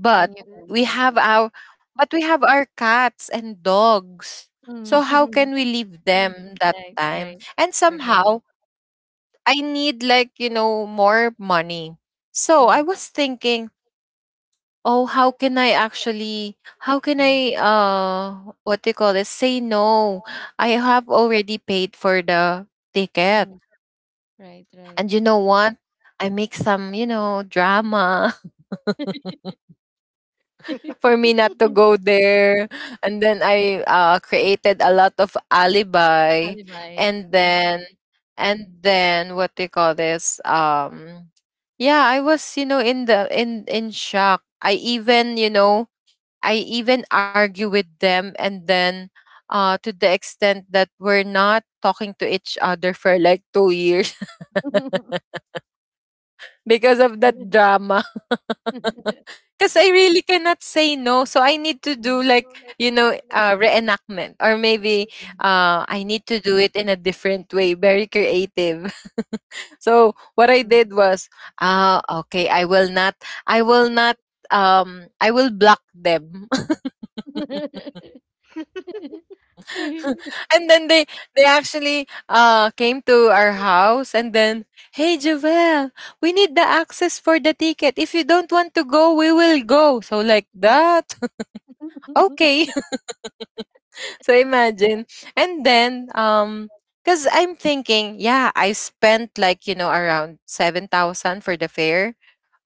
S2: But
S1: And you
S2: we
S1: canceled.
S2: have
S3: Mhm.
S2: our, cats and dogs. So how can
S1: Mm. [LAUGHS]
S2: we leave them that
S1: Right,
S2: time?
S1: right.
S2: And
S1: Agree.
S2: somehow I need, like, more money. So I was thinking, oh, how can I actually, how can I, what do you call this? Say no. I have already paid for the ticket.
S1: Mhm. Right, right.
S2: And you know what? I make some, drama, for me not to go there. And then I, created a lot of alibi.
S1: Alibis.
S2: And
S1: Mhm.
S2: then, what do you call this? Yeah, I was, you know, in the, in shock. I even, you know, I even argue with them. And then, to the extent that we're not talking to each other for like 2 years. Because of that drama. [LAUGHS] Because I really cannot say no. So I need to do
S1: Mhm.
S2: like, reenactment. Or maybe I need to do it in a different way, very creative. [LAUGHS] So what I did
S1: Mhm.
S2: was, okay, I will not, I will not, I will block them. [LAUGHS]
S1: [LAUGHS]
S2: [LAUGHS] And then they actually came to our house, and then, "Hey Jovel, we need the access for the ticket. If you don't want to go, we will go." So like that. [LAUGHS]
S1: [LAUGHS]
S2: Okay. [LAUGHS] So imagine. And then because I'm thinking, yeah, I spent like, around 7,000 for the fare.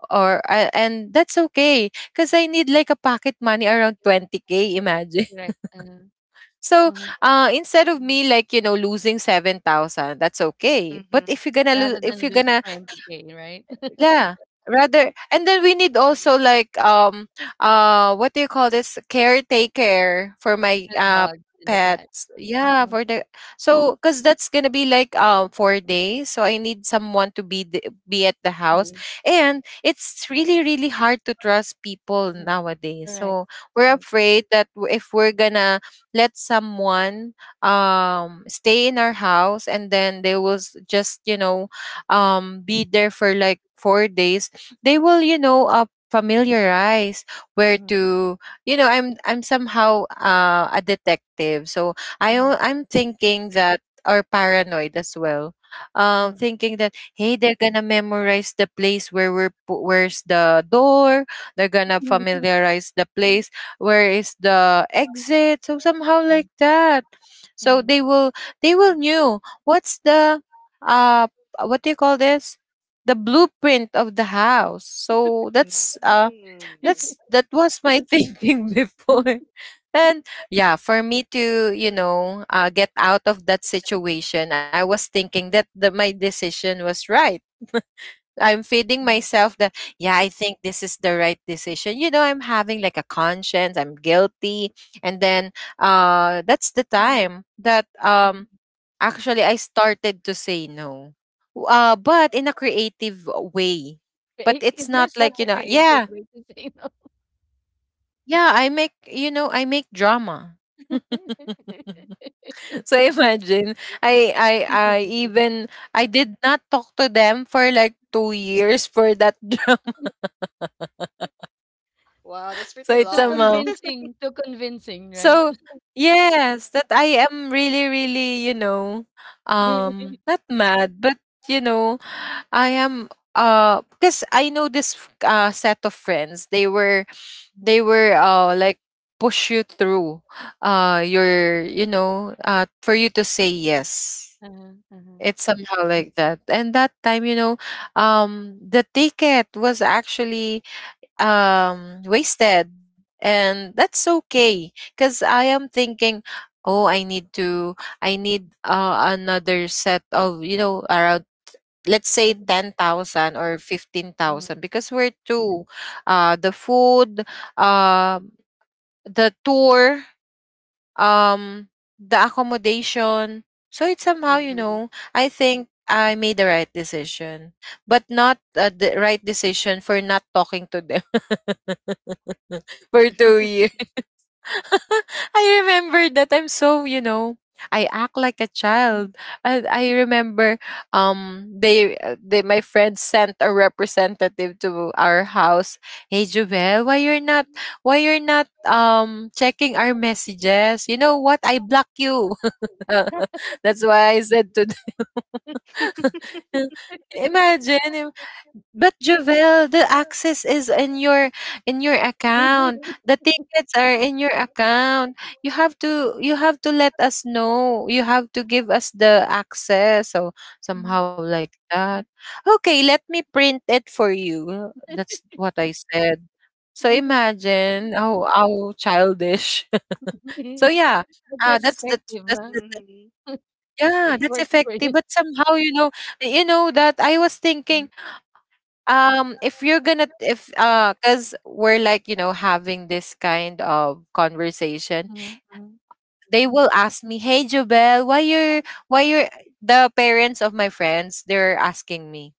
S2: Or I, and that's okay. Cause I need like a pocket money around 20K, imagine.
S1: Correct.
S2: So
S1: Mhm. [LAUGHS]
S2: instead of me, like, losing 7,000, that's okay. But
S3: Mhm.
S2: if you're gonna lose,
S1: Rather
S2: if
S1: than
S2: you're
S1: lose
S2: gonna
S1: 20K, right? [LAUGHS]
S2: yeah. Rather, and then we need also like what do you call this, caretaker for my
S1: For the dog and the cat.
S2: pets. Yeah,
S1: Mhm.
S2: for the— so cuz that's going to be like 4 days, so I need someone to be be at the house. And it's really, really hard to trust people
S1: Mhm.
S2: nowadays.
S1: Correct,
S2: So we're
S1: right.
S2: afraid that if we're going to let someone stay in our house, and then they will just, be there for like 4 days. They will, familiarize where
S1: Mhm.
S2: to. I'm somehow, a detective. So
S1: Mhm.
S2: I'm thinking that, or paranoid as well,
S1: Mhm.
S2: thinking that, hey, they're gonna memorize the place where where's the door. They're gonna
S1: [LAUGHS]
S2: familiarize the place, where is the exit, so somehow
S1: Uh,
S2: like that. So
S1: mhm.
S2: they will, knew what's the, uh what do you call this, the blueprint of the house. So
S3: Mhm.
S2: that's
S1: [LAUGHS]
S2: that was my [LAUGHS] thinking before.
S1: Mhm.
S2: And yeah, for me to, get out of that situation, I was thinking that my decision was right. [LAUGHS] I'm feeding myself that, yeah, I think this is the right decision. I'm having like a conscience. I'm guilty. And then, that's the time that,
S1: Mhm.
S2: actually, I started to say no. But in a creative way.
S1: I-
S2: But
S1: [LAUGHS]
S2: it's
S1: Is there
S2: not
S1: such
S2: like,
S1: like a creative
S2: yeah,
S1: way to say [LAUGHS] no?
S2: yeah, I make drama. [LAUGHS]
S1: [LAUGHS]
S2: So imagine, I, I, I even, I did not talk to them for like 2 years for that [LAUGHS] drama.
S3: Wow, that's pretty
S2: So it's
S3: long.
S2: somehow.
S3: [LAUGHS]
S1: Too convincing, right? [LAUGHS]
S2: So yes, that I am really, really, not mad, but, you know, I am, because I know this set of friends. They were
S1: Yeah.
S2: they were like, push you through, your, for you to say yes.
S1: Uh-huh, uh-huh.
S2: It's somehow like that. And that time, the ticket was actually, wasted. And that's okay because I am thinking, oh, I need to, I need another set of, around, let's say,
S1: [LAUGHS]
S2: 10,000 or
S1: Mhm,
S2: 15,000, because we're two, the food, uh the tour, um the accommodation. So it's somehow,
S3: Mhm.
S2: I think I made the right decision. But not, the right decision for not talking to them [LAUGHS] for 2 years. [LAUGHS] I remember that I'm so, I act like a child. I remember, they my friend sent a representative to our house. "Hey Jovel, why you're not, why you're not checking our messages? You know what? I block you." [LAUGHS] That's why I said to [LAUGHS] "Imagine, but Javel, the access is in your, account. The tickets are in your account. You have to let us know. You have to give us the access." So
S1: mhm.
S2: somehow like that. "Okay, let me print it for you." That's what I said. So
S1: Mhm.
S2: imagine how, childish. [LAUGHS] So
S1: [LAUGHS]
S2: yeah,
S1: But that's
S2: uh, that's the
S1: effective,
S2: that's
S1: huh?
S2: the
S3: Mhm.
S1: It
S2: yeah, that's
S1: works for you.
S2: effective. But somehow, you know that I was
S1: Mhm,
S2: thinking, if you're gonna, if cause we're like, having this kind of conversation,
S1: mhm,
S2: they will ask me, "Hey, Jobel, why you're, why you're the parents of my friends? They're asking me,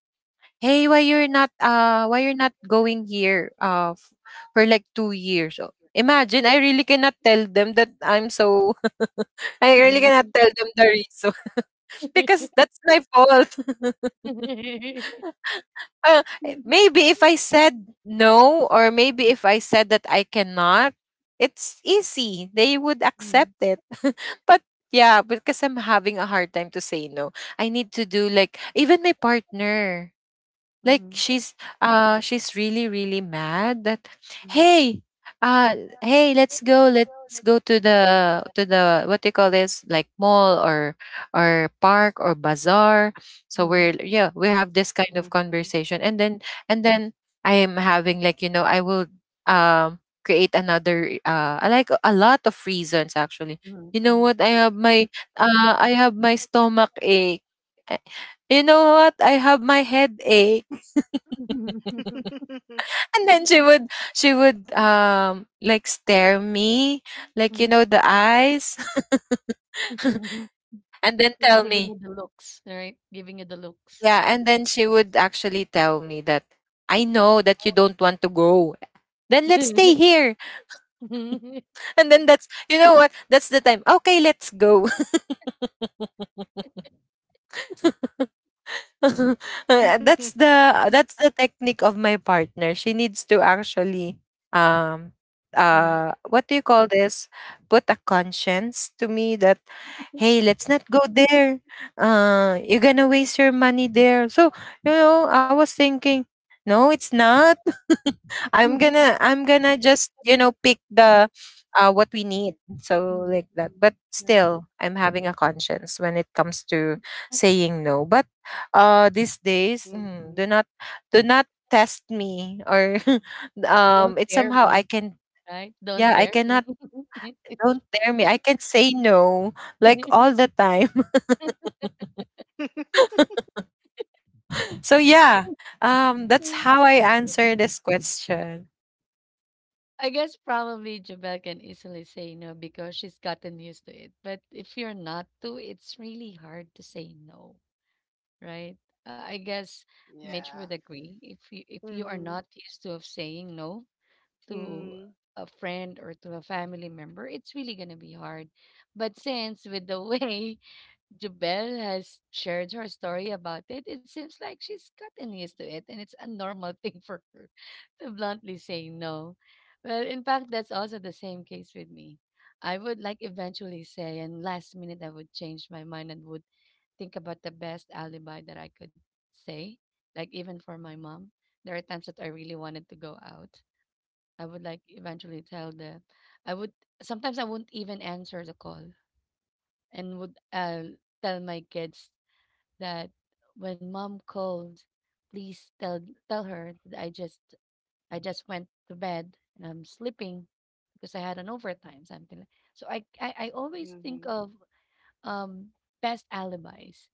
S2: 'Hey, why you're not going here, for like 2 years?'" So imagine, I really cannot tell them that I'm so. [LAUGHS] I really cannot
S1: mhm.
S2: tell them the reason. [LAUGHS] Because that's my fault. [LAUGHS]
S1: [LAUGHS]
S2: Maybe if I said no, or maybe if I said that I cannot, it's easy. They would
S1: Mhm,
S2: accept it. [LAUGHS] But yeah, because I'm having a hard time to say no. I need to do like, even my partner, like,
S1: mhm,
S2: she's really, really mad that,
S1: mhm,
S2: "Hey, uh let's go, to the to the— what do you call this, like, mall or park or bazaar." So
S1: mhm,
S2: we're, yeah, we have this kind of
S3: Mhm.
S2: conversation. And then, and then I am having, like, I will, um create another I like a lot of reasons, actually.
S1: mhm,
S2: You know
S1: mhm.
S2: what, I have
S3: Mhm.
S2: my, stomach ache. Eh, you know what, I have my headache.
S1: [LAUGHS]
S3: Mhm. [LAUGHS]
S2: And then she would, like, stare me, like, you
S1: Mhm,
S2: know, the eyes. [LAUGHS]
S1: mhm.
S2: And then
S1: They're [LAUGHS]
S2: tell
S1: giving
S2: me,
S1: you the looks, right? Giving you the looks.
S2: yeah. And then she would actually tell me that, "I know that you don't want to go, then let's stay here."
S1: [LAUGHS] Mhm,
S2: And then that's, you know what, that's the time, "Okay, let's go." [LAUGHS] [LAUGHS] That's the, technique of my partner. She needs to actually, um what do you call this, put a conscience to me that, "Hey, let's not go there. You're gonna waste your money there." So, I was thinking, no, it's not. [LAUGHS]
S1: mhm,
S2: I'm gonna just, pick
S1: mhm,
S2: the what we need. So
S1: mhm.
S2: like that. But
S1: [LAUGHS]
S2: still, I'm having a conscience when it comes to saying no. But, these days, do
S3: [LAUGHS]
S2: not, do not test me or [LAUGHS]
S1: Don't
S2: it's
S1: dare
S2: somehow I
S1: me,
S2: can,
S1: right? Don't
S2: yeah, I
S1: dare
S2: cannot.
S1: me.
S2: Don't dare me, I can say no, like,
S1: [LAUGHS]
S2: all the time. [LAUGHS] So yeah, that's how I answer this question.
S1: I guess probably Jabel can easily say no because she's gotten used to it. But if you're not to, it's really hard to say no, right? I guess Mitch would
S3: Yeah.
S1: agree. If you are
S3: Mhm.
S1: not used to of saying no to
S3: Mhm.
S1: a friend or to a family member, it's really gonna be hard. But since with the [LAUGHS] way Jubel has shared her story about it, it seems like she's gotten used to it and it's a normal [LAUGHS] thing for her [LAUGHS] to bluntly say no. Well, in fact, that's also the same case with me. I would like eventually say, and last minute I would change my mind and would think about the best alibi that I could say. Like, even for my mom, there are times that I really wanted to go out. I would like eventually tell the, I would, sometimes I wouldn't even answer the call and would tell my kids that when mom called, please tell her that I just went to bed and I'm sleeping because I had an overtime something. Like. So I always think
S3: Mhm.
S1: of um best alibis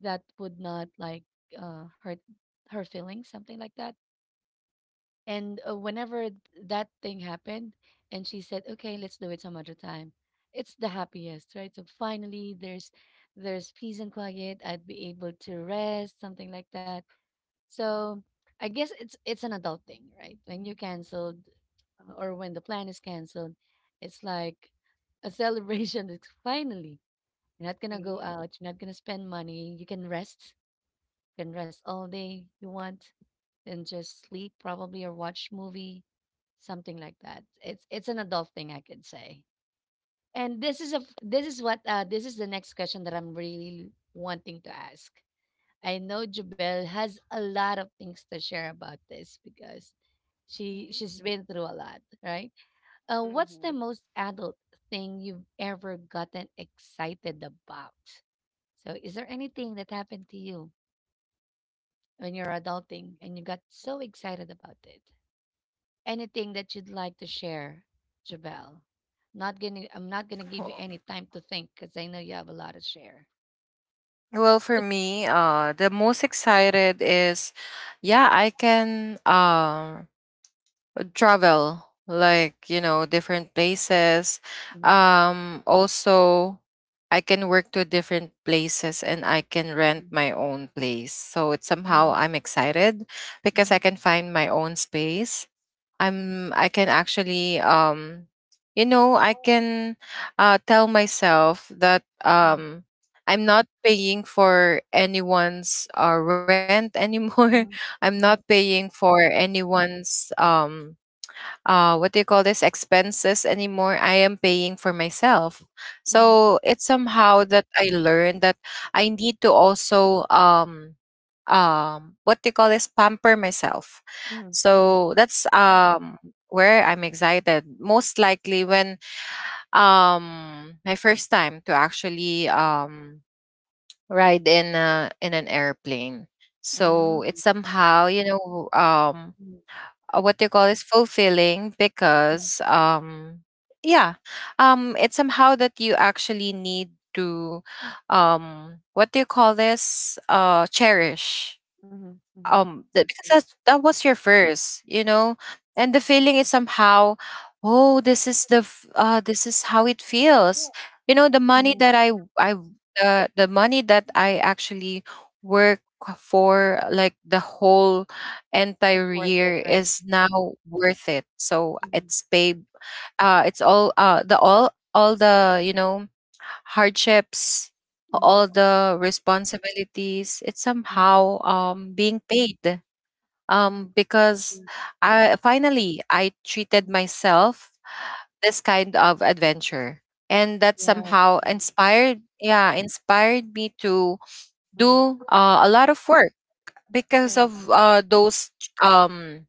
S1: that would not like hurt her feelings, something like that. And whenever that thing happened, and she said, "Okay, let's do it some other time," it's the happiest, right? So finally, there's peace and quiet. I'd be able to rest, something like that. So I guess it's an adult thing, right? When you canceled or when the plan is canceled, it's like a celebration. [LAUGHS] It's finally you're not gonna go
S3: Mhm.
S1: out, you're not gonna spend money, you can rest all day you want, and just sleep probably or watch movie, something like that. It's an adult thing I could say. And this is a this is what this is the next question that I'm really wanting to ask. I know Jubel has a lot of things to share about this because she's been through a lot, right? What's the
S3: Mhm.
S1: most adult thing you've ever gotten excited about? So, is there anything that happened to you when you're adulting and you got so excited about it? Anything that you'd like to share, Jabel? Not gonna, I'm not gonna give you any time to think because I know you have a lot to share.
S2: Well, for me, the most excited is, yeah, I can. Travel, like, different places.
S1: Mhm,
S2: Also, I can work to different places, and I can rent
S1: mhm,
S2: my own place, so it's somehow I'm excited,
S1: mhm,
S2: because I can find my own space.
S1: mhm,
S2: I can actually, I can, tell myself that,
S1: mhm,
S2: I'm not paying for anyone's, rent anymore.
S1: mhm,
S2: [LAUGHS] I'm
S1: mhm,
S2: not paying for anyone's, what do you call this, expenses anymore. I am paying for myself.
S1: mhm,
S2: So it's somehow that I learned that I need to also, what do you call this, pamper myself.
S1: mhm, mhm.
S2: So that's, where I'm excited most likely when, my first time to actually, ride in in an airplane.
S1: Mm,
S2: So it's somehow,
S1: mhm,
S2: what they call is fulfilling, because, yeah. It's somehow that you actually need to, what do you call this, cherish,
S1: mhm, mhm.
S2: that, because
S1: Agree.
S2: that was your first, you know. And the feeling is somehow, oh, this is the, this is how it feels, you know, the money that I the money that I actually work for, like, the whole
S1: It's
S2: entire
S1: worth it,
S2: year
S1: right?
S2: is now worth it. So
S1: Mhm,
S2: it's paid, it's all, the all the you know hardships,
S1: mhm,
S2: all the responsibilities. It's
S1: mhm,
S2: somehow, being paid,
S1: mhm.
S2: because
S1: Agree.
S2: I finally I treated
S1: Mhm.
S2: myself this kind of adventure. And that
S1: Yeah,
S2: somehow inspired, yeah, inspired me to do,
S1: mhm.
S2: a lot of work, because
S1: Correct.
S2: of, those, um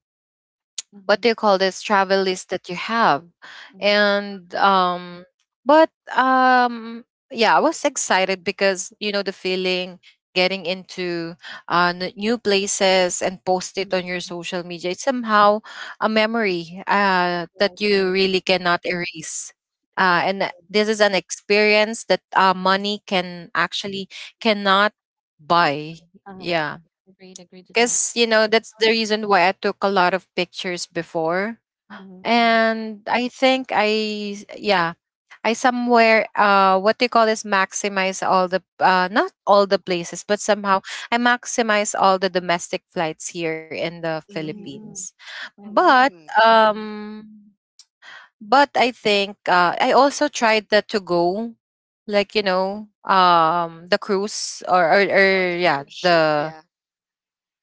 S2: what
S1: Mhm,
S2: do you call this, travel list that you have.
S1: mhm,
S2: And, but, um yeah, I was excited because, you know, the feeling getting into, new places, and post it
S1: mhm.
S2: on your social media. It's somehow a memory, that
S1: Right,
S2: you
S1: right.
S2: really cannot erase. And this is an experience that,
S1: Mhm.
S2: money can actually cannot buy, yeah.
S1: Agreed, agreed to that.
S2: Because, that's the reason why I took a lot of pictures before.
S1: Mhm, mhm,
S2: And I think I, yeah, I somewhere, what do you call this, maximize all the, not all the
S1: mhm.
S2: places, but somehow I maximize all the domestic flights here in the
S3: Mhm.
S2: Philippines.
S1: Mm. Okay.
S2: But,
S3: Mhm. Mhm.
S1: Right. And—
S2: um but I think, I also tried the to go, like, the cruise,
S3: Oh,
S2: or,
S3: the
S2: yeah,
S3: cruise ship,
S2: the
S3: yeah.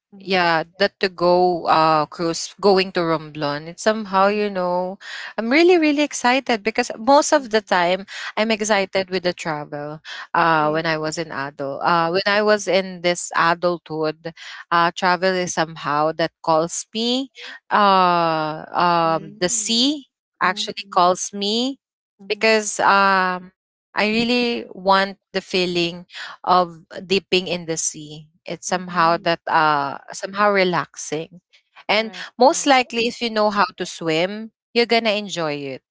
S1: mhm,
S2: yeah, that to go, cruise going to Romblon. It's somehow,
S1: mhm,
S2: I'm really, really excited because most of the
S3: Mm-hmm.
S2: time I'm excited with the travel,
S1: mhm,
S2: when I
S3: Mm-hmm.
S2: was in adult, when I was in this adulthood. Travel is somehow that calls me, the
S3: Mm-hmm.
S2: sea
S1: mhm,
S2: actually
S1: mhm,
S2: calls me.
S1: mhm,
S2: Because, I really want the feeling of dipping in the sea. It's
S1: mhm,
S2: somehow
S1: mhm.
S2: that somehow relaxing. And
S1: Correct, correct.
S2: most likely if you know how to swim, you're gonna enjoy it.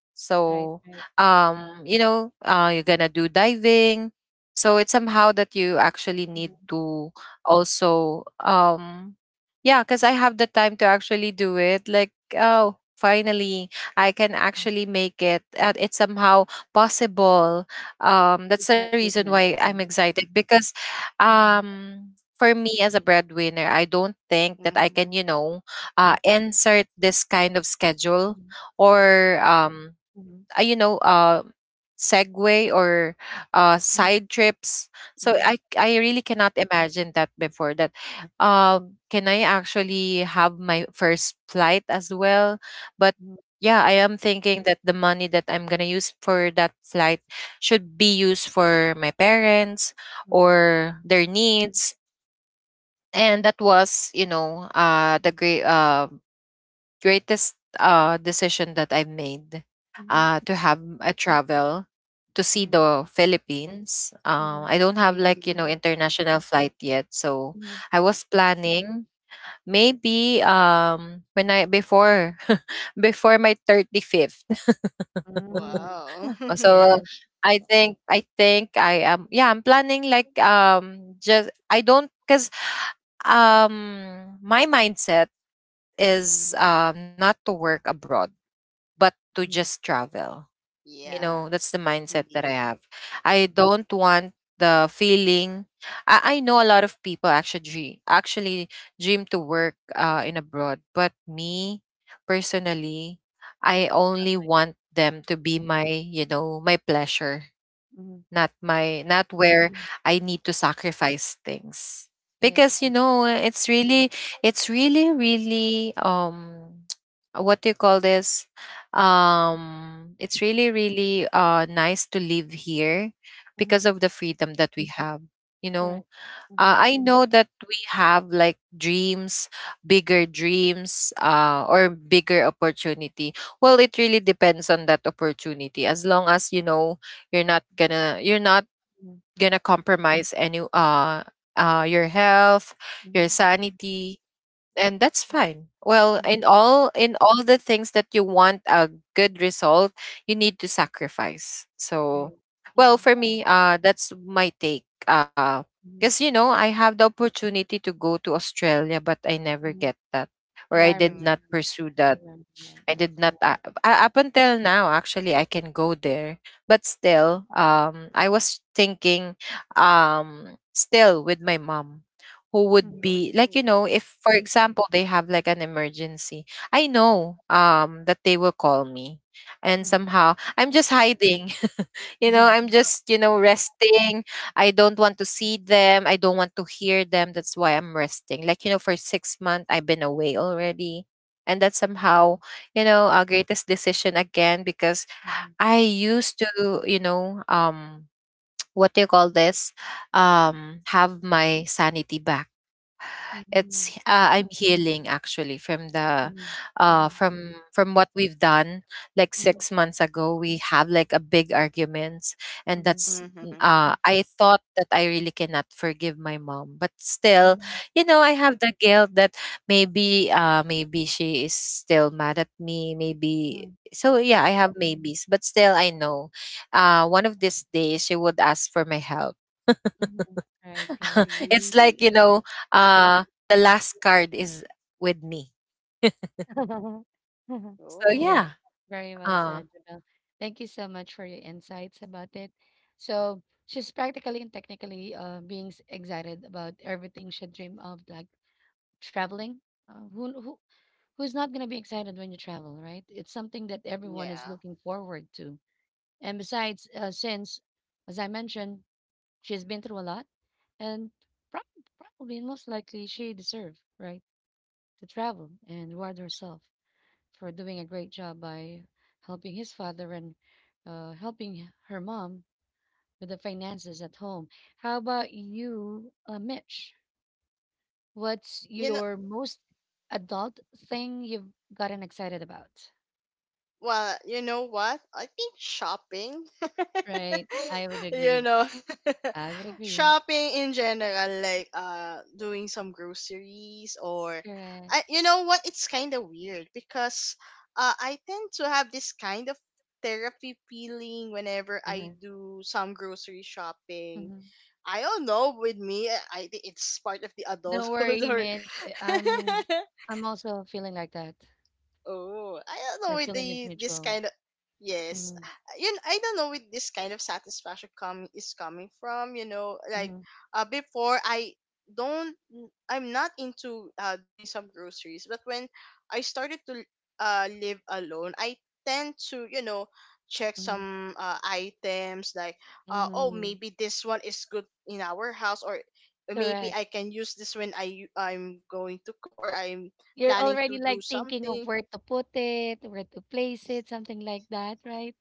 S1: Right,
S2: So
S1: right.
S2: you know you're gonna do diving. So it's somehow that you actually need
S1: Mhm.
S2: to also yeah, because I have the time to actually do it. Like, oh, finally I can actually make it. And it's somehow possible. That's
S1: It's an
S2: the reason
S1: achievement,
S2: why
S1: right?
S2: I'm excited because
S1: Mhm.
S2: um, for me as a breadwinner, I don't think that I
S3: Mm-hmm.
S2: can, you know, insert this kind of schedule
S1: Mhm.
S2: or
S1: Mhm,
S2: uh, you know uh segue or side trips, so
S1: mhm,
S2: I really cannot imagine that before that. Can I actually have my first flight as well? But
S1: mhm,
S2: yeah, I am thinking that the money that I'm going to use for that flight should be used for my parents
S1: mhm,
S2: or their needs. And that was, you know, the greatest decision that I've made, to have a travel to see
S1: mhm,
S2: the Philippines.
S1: mhm,
S2: I don't
S1: mhm.
S2: have like, you
S3: Mm-hmm.
S2: know, international flight yet. So
S1: Mhm.
S2: I was planning maybe when I before [LAUGHS] before my 35th. [LAUGHS]
S1: Mm.
S3: Wow. [LAUGHS]
S2: So
S1: Yes.
S2: I think I am, yeah, I'm planning like just I don't cuz my mindset is not to work abroad but to
S1: Mhm.
S2: just travel. You
S1: Correct.
S2: know,
S3: Yeah,
S2: that's the mindset that I
S3: indeed.
S2: have. I don't want the feeling. I know a lot of people actually dream to work in abroad, but me personally, I
S1: Not
S2: only
S1: like it.
S2: want them to be my, you know, my pleasure,
S1: Mhm.
S2: not where I need to sacrifice things.
S1: Yes,
S2: Because you
S1: yes.
S2: know, it's really it's really really um [TSK] what do you call this? It's really really nice to live here because
S1: Mhm.
S2: of the freedom that we have. You know,
S1: Correct. Mhm.
S2: I know that we have like dreams, bigger dreams, or bigger opportunity. Well, it really depends on that opportunity. As long as you know you're not
S1: Mhm.
S2: gonna compromise any your health, your
S1: Mhm.
S2: sanity, and that's fine. Well,
S1: Mhm.
S2: in all the things that you want a good result, you need to sacrifice. So
S1: Right.
S2: well,
S1: Mhm.
S2: for me, that's my take,
S1: Mhm.
S2: because you know, I have the opportunity to go to Australia, but I never
S1: Mhm.
S2: get that, or
S1: Yeah,
S2: I did not
S3: Mm-hmm.
S2: pursue
S1: I
S2: that.
S1: remember that.
S2: I
S1: That's
S2: did
S1: right.
S2: not up until now actually I can go there, but still I was thinking still with my mom, who would
S1: Mhm.
S2: be like,
S3: Ooh.
S2: you know, if for example they have like an emergency, I know that they will call me, and
S1: Mhm.
S2: somehow I'm just hiding, you know, i'm
S1: Mhm.
S2: just you know resting. I don't want to see them, I don't want to hear them. That's why I'm resting, like, you know, for 6 months I've been away already. And that's
S1: Mhm.
S2: somehow, you know, our greatest decision again, because
S1: Mhm.
S2: I used to, you know, what do you call this have my sanity back.
S1: Mhm.
S2: It's I'm healing actually from the
S1: Mhm.
S2: from what we've done like
S1: Mhm.
S2: 6 months ago. We have like a big arguments. And
S1: Mhm.
S2: that's
S3: Mm-hmm.
S2: I thought that I really cannot forgive my mom, but still,
S1: Mhm.
S2: you know, I have the guilt that maybe maybe she is still mad at me, maybe.
S1: Mhm.
S2: So yeah, I have maybes, but still I know, one of these days she would ask for my help.
S1: Mhm. Right, right.
S2: [LAUGHS] It's like,
S3: Ooh.
S2: you know, uh the last card is with me.
S1: [LAUGHS]
S2: So
S1: Yeah,
S2: yeah,
S3: Oh,
S1: very well
S2: uh
S1: said, Jamel. Thank you so much for your insights about it. So she's practically and technically being excited about everything she dreamed of, like traveling. Who who's not gonna be excited when you travel, right? It's something that everyone is
S3: yeah.
S1: looking forward to. And besides, since as I mentioned, she's been through a lot, and prob probably and most likely she deserve, right, to travel and reward herself for doing a great job by helping his father and helping her mom with the finances at home. How about you, Mitch? What's
S3: You know,
S1: your most adult thing you've gotten excited about?
S3: well, you know what? I think shopping,
S1: Right. I would
S3: you
S1: agree.
S3: know.
S1: I would
S3: [LAUGHS]
S1: agree.
S3: Shopping in general, like doing some groceries or
S1: Correct.
S3: I, you know what, it's kind of weird because I tend to have this kind of therapy feeling whenever I
S1: Uh-huh.
S3: do some grocery shopping.
S1: Hmm.
S3: I don't know with me. I think it's part of the
S1: Don't
S3: adulthood
S1: worry,
S3: or
S1: Mitch. I- I'm
S3: [LAUGHS]
S1: I'm also feeling like that.
S3: oh, I don't know
S1: The
S3: with
S1: feeling is
S3: the this
S1: mutual.
S3: kind of yes,
S1: Mm-hmm.
S3: you know, I don't know with this kind of satisfaction coming is coming from. You know, like,
S1: Mm-hmm.
S3: before I don't I'm not into doing some groceries, but when I started to live alone, I tend to, you know, check
S1: Mm-hmm.
S3: some items like, oh
S1: Hmm.
S3: maybe this one is good in our house, or maybe
S1: Correct.
S3: I can use this when I I'm going to cook or I'm
S1: You're
S3: planning
S1: already
S3: to
S1: like
S3: do
S1: thinking of
S3: something.
S1: where to put it, where to place it, something like that, right?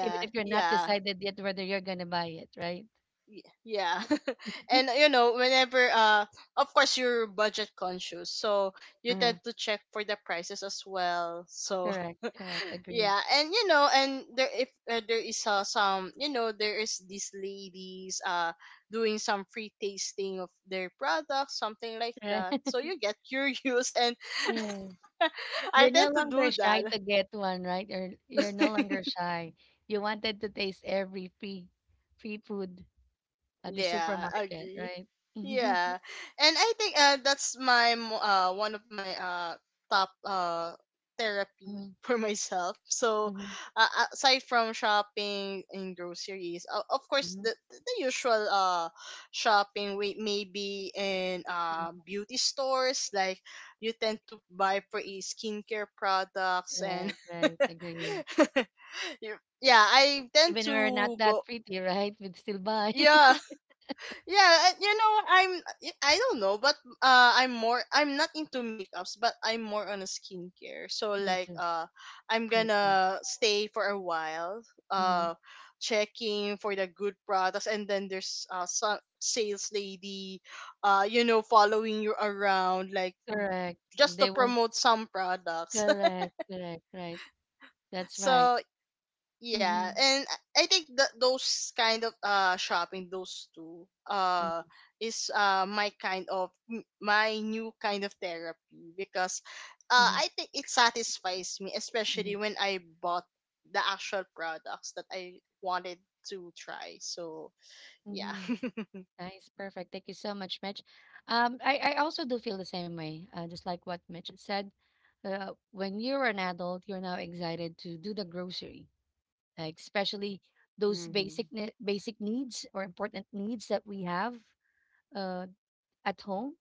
S1: Even if you're not
S3: yeah,
S1: decided yet whether you're gonna buy it, right?
S3: yeah. [LAUGHS] And you know, whenever of course you're budget conscious, so you
S1: Uh,
S3: tend to check for the prices as well. So
S1: correct, correct,
S3: [LAUGHS]
S1: agree.
S3: yeah, and you know, and there if there is some, you know, there is these ladies doing some free tasting of their products, something like
S1: Right.
S3: that. So
S1: [LAUGHS]
S3: you get curious and
S1: Yes.
S3: [LAUGHS] I
S1: You're no
S3: tend to
S1: longer
S3: do
S1: shy
S3: that.
S1: to get one, right? You're no longer
S3: [LAUGHS]
S1: shy. You wanted to taste every free food at the
S3: Yeah,
S1: supermarket,
S3: agree.
S1: right? [LAUGHS] Mhm.
S3: Yeah, and I think that's my one of my top therapy [LAUGHS] for myself. So uh, aside from shopping in groceries, of course
S1: Mhm.
S3: the usual shopping we maybe in beauty stores like you tend to buy pretty skincare products and
S1: Right, right,
S3: [LAUGHS]
S1: agree.
S3: [LAUGHS] yeah, I tend
S1: Even we're not
S3: to
S1: that
S3: go
S1: pretty, [LAUGHS] right? We'd still buy.
S3: yeah.
S1: [LAUGHS]
S3: Yeah, you know, I'm I don't know, but I'm more I'm not into makeups, but I'm more on a skincare. So
S1: Me
S3: like
S1: too.
S3: I'm
S1: Me too.
S3: gonna stay for a while
S1: Mhm.
S3: uh checking for the good products and then there's some sales lady you know following you around like
S1: Correct.
S3: just
S1: They
S3: to
S1: won't.
S3: promote some products.
S1: Correct. Correct. Right.
S3: [LAUGHS]
S1: That's right.
S3: So yeah,
S1: Mm-hmm.
S3: and I think that those kind of shopping, those two is my kind of my new kind of therapy because
S1: Mm-hmm.
S3: I think it satisfies me,
S1: Mm-hmm.
S3: especially when I bought the actual products that I wanted to try. So yeah.
S1: Mm-hmm.
S3: [LAUGHS]
S1: Nice. Perfect. Thank you so much, Mitch. I also do feel the same way, just like what Mitch said. When you're an adult, you're now excited to do the grocery, like especially those
S3: Mm-hmm.
S1: basic basic needs or important needs that we have uh, at home.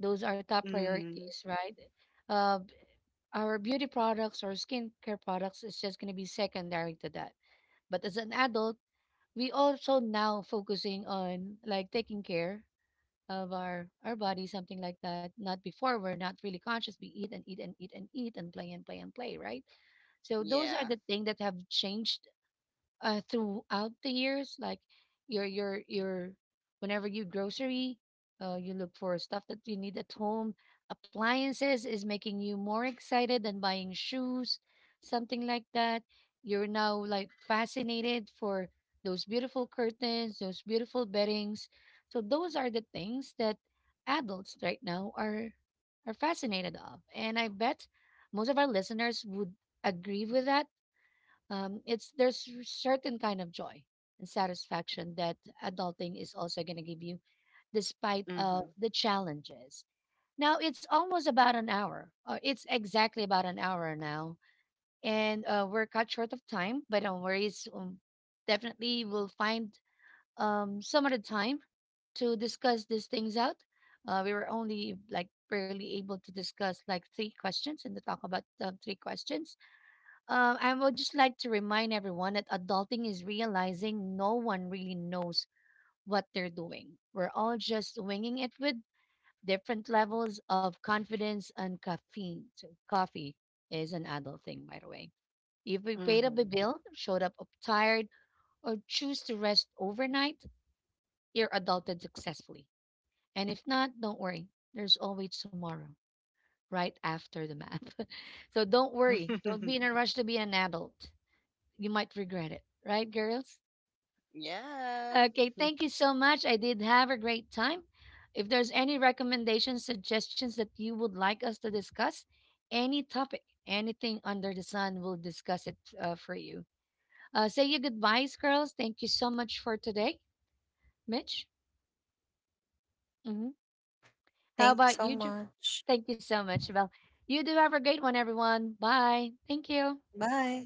S1: Those are top
S3: Hmm.
S1: priorities, right? Uh, our beauty products or skincare products is just going to be secondary to that. But as an adult, we also now focusing on like taking care of our body, something like that. Not before, we're not really conscious. We eat and eat and eat and eat and play and play and play, right? So those are
S3: Yeah.
S1: the things that have changed throughout the years, like your whenever you grocery, you look for stuff that you need at home. Appliances is making you more excited than buying shoes, something like that. You're now like fascinated for those beautiful curtains, those beautiful beddings. So those are the things that adults right now are fascinated of, and I bet most of our listeners would agree with that. It's, there's certain kind of joy and satisfaction that adulting is also going to give you despite of
S3: Hmm.
S1: the challenges. Now it's almost about an hour, it's exactly about an hour now, and we're cut short of time, but no worries. Definitely we'll find some other time to discuss these things out. We were only like barely able to discuss like three questions and to talk about three questions. I would just like to remind everyone that adulting is realizing no one really knows what they're doing. We're all just winging it with different levels of confidence and caffeine. So coffee is an adult thing, by the way. If we paid up a
S3: Hmm.
S1: bill, showed up tired, or choose to rest overnight, you're adulted successfully. And if not, don't worry. There's always tomorrow, right after the map. [LAUGHS] So don't worry. Don't be in a rush to be an adult. You might regret it, right, girls?
S3: Yeah.
S1: Okay, thank you so much. I did have a great time. If there's any recommendations, suggestions that you would like us to discuss, any topic, anything under the sun, we'll discuss it for you. Say your goodbyes, girls. Thank you so much for today, Mitch. Hmm. How
S2: thank you
S1: about
S2: so
S1: you?
S2: much.
S1: Thank you so much, Belle. You do have a great one, everyone. Bye. Thank you.
S2: Bye.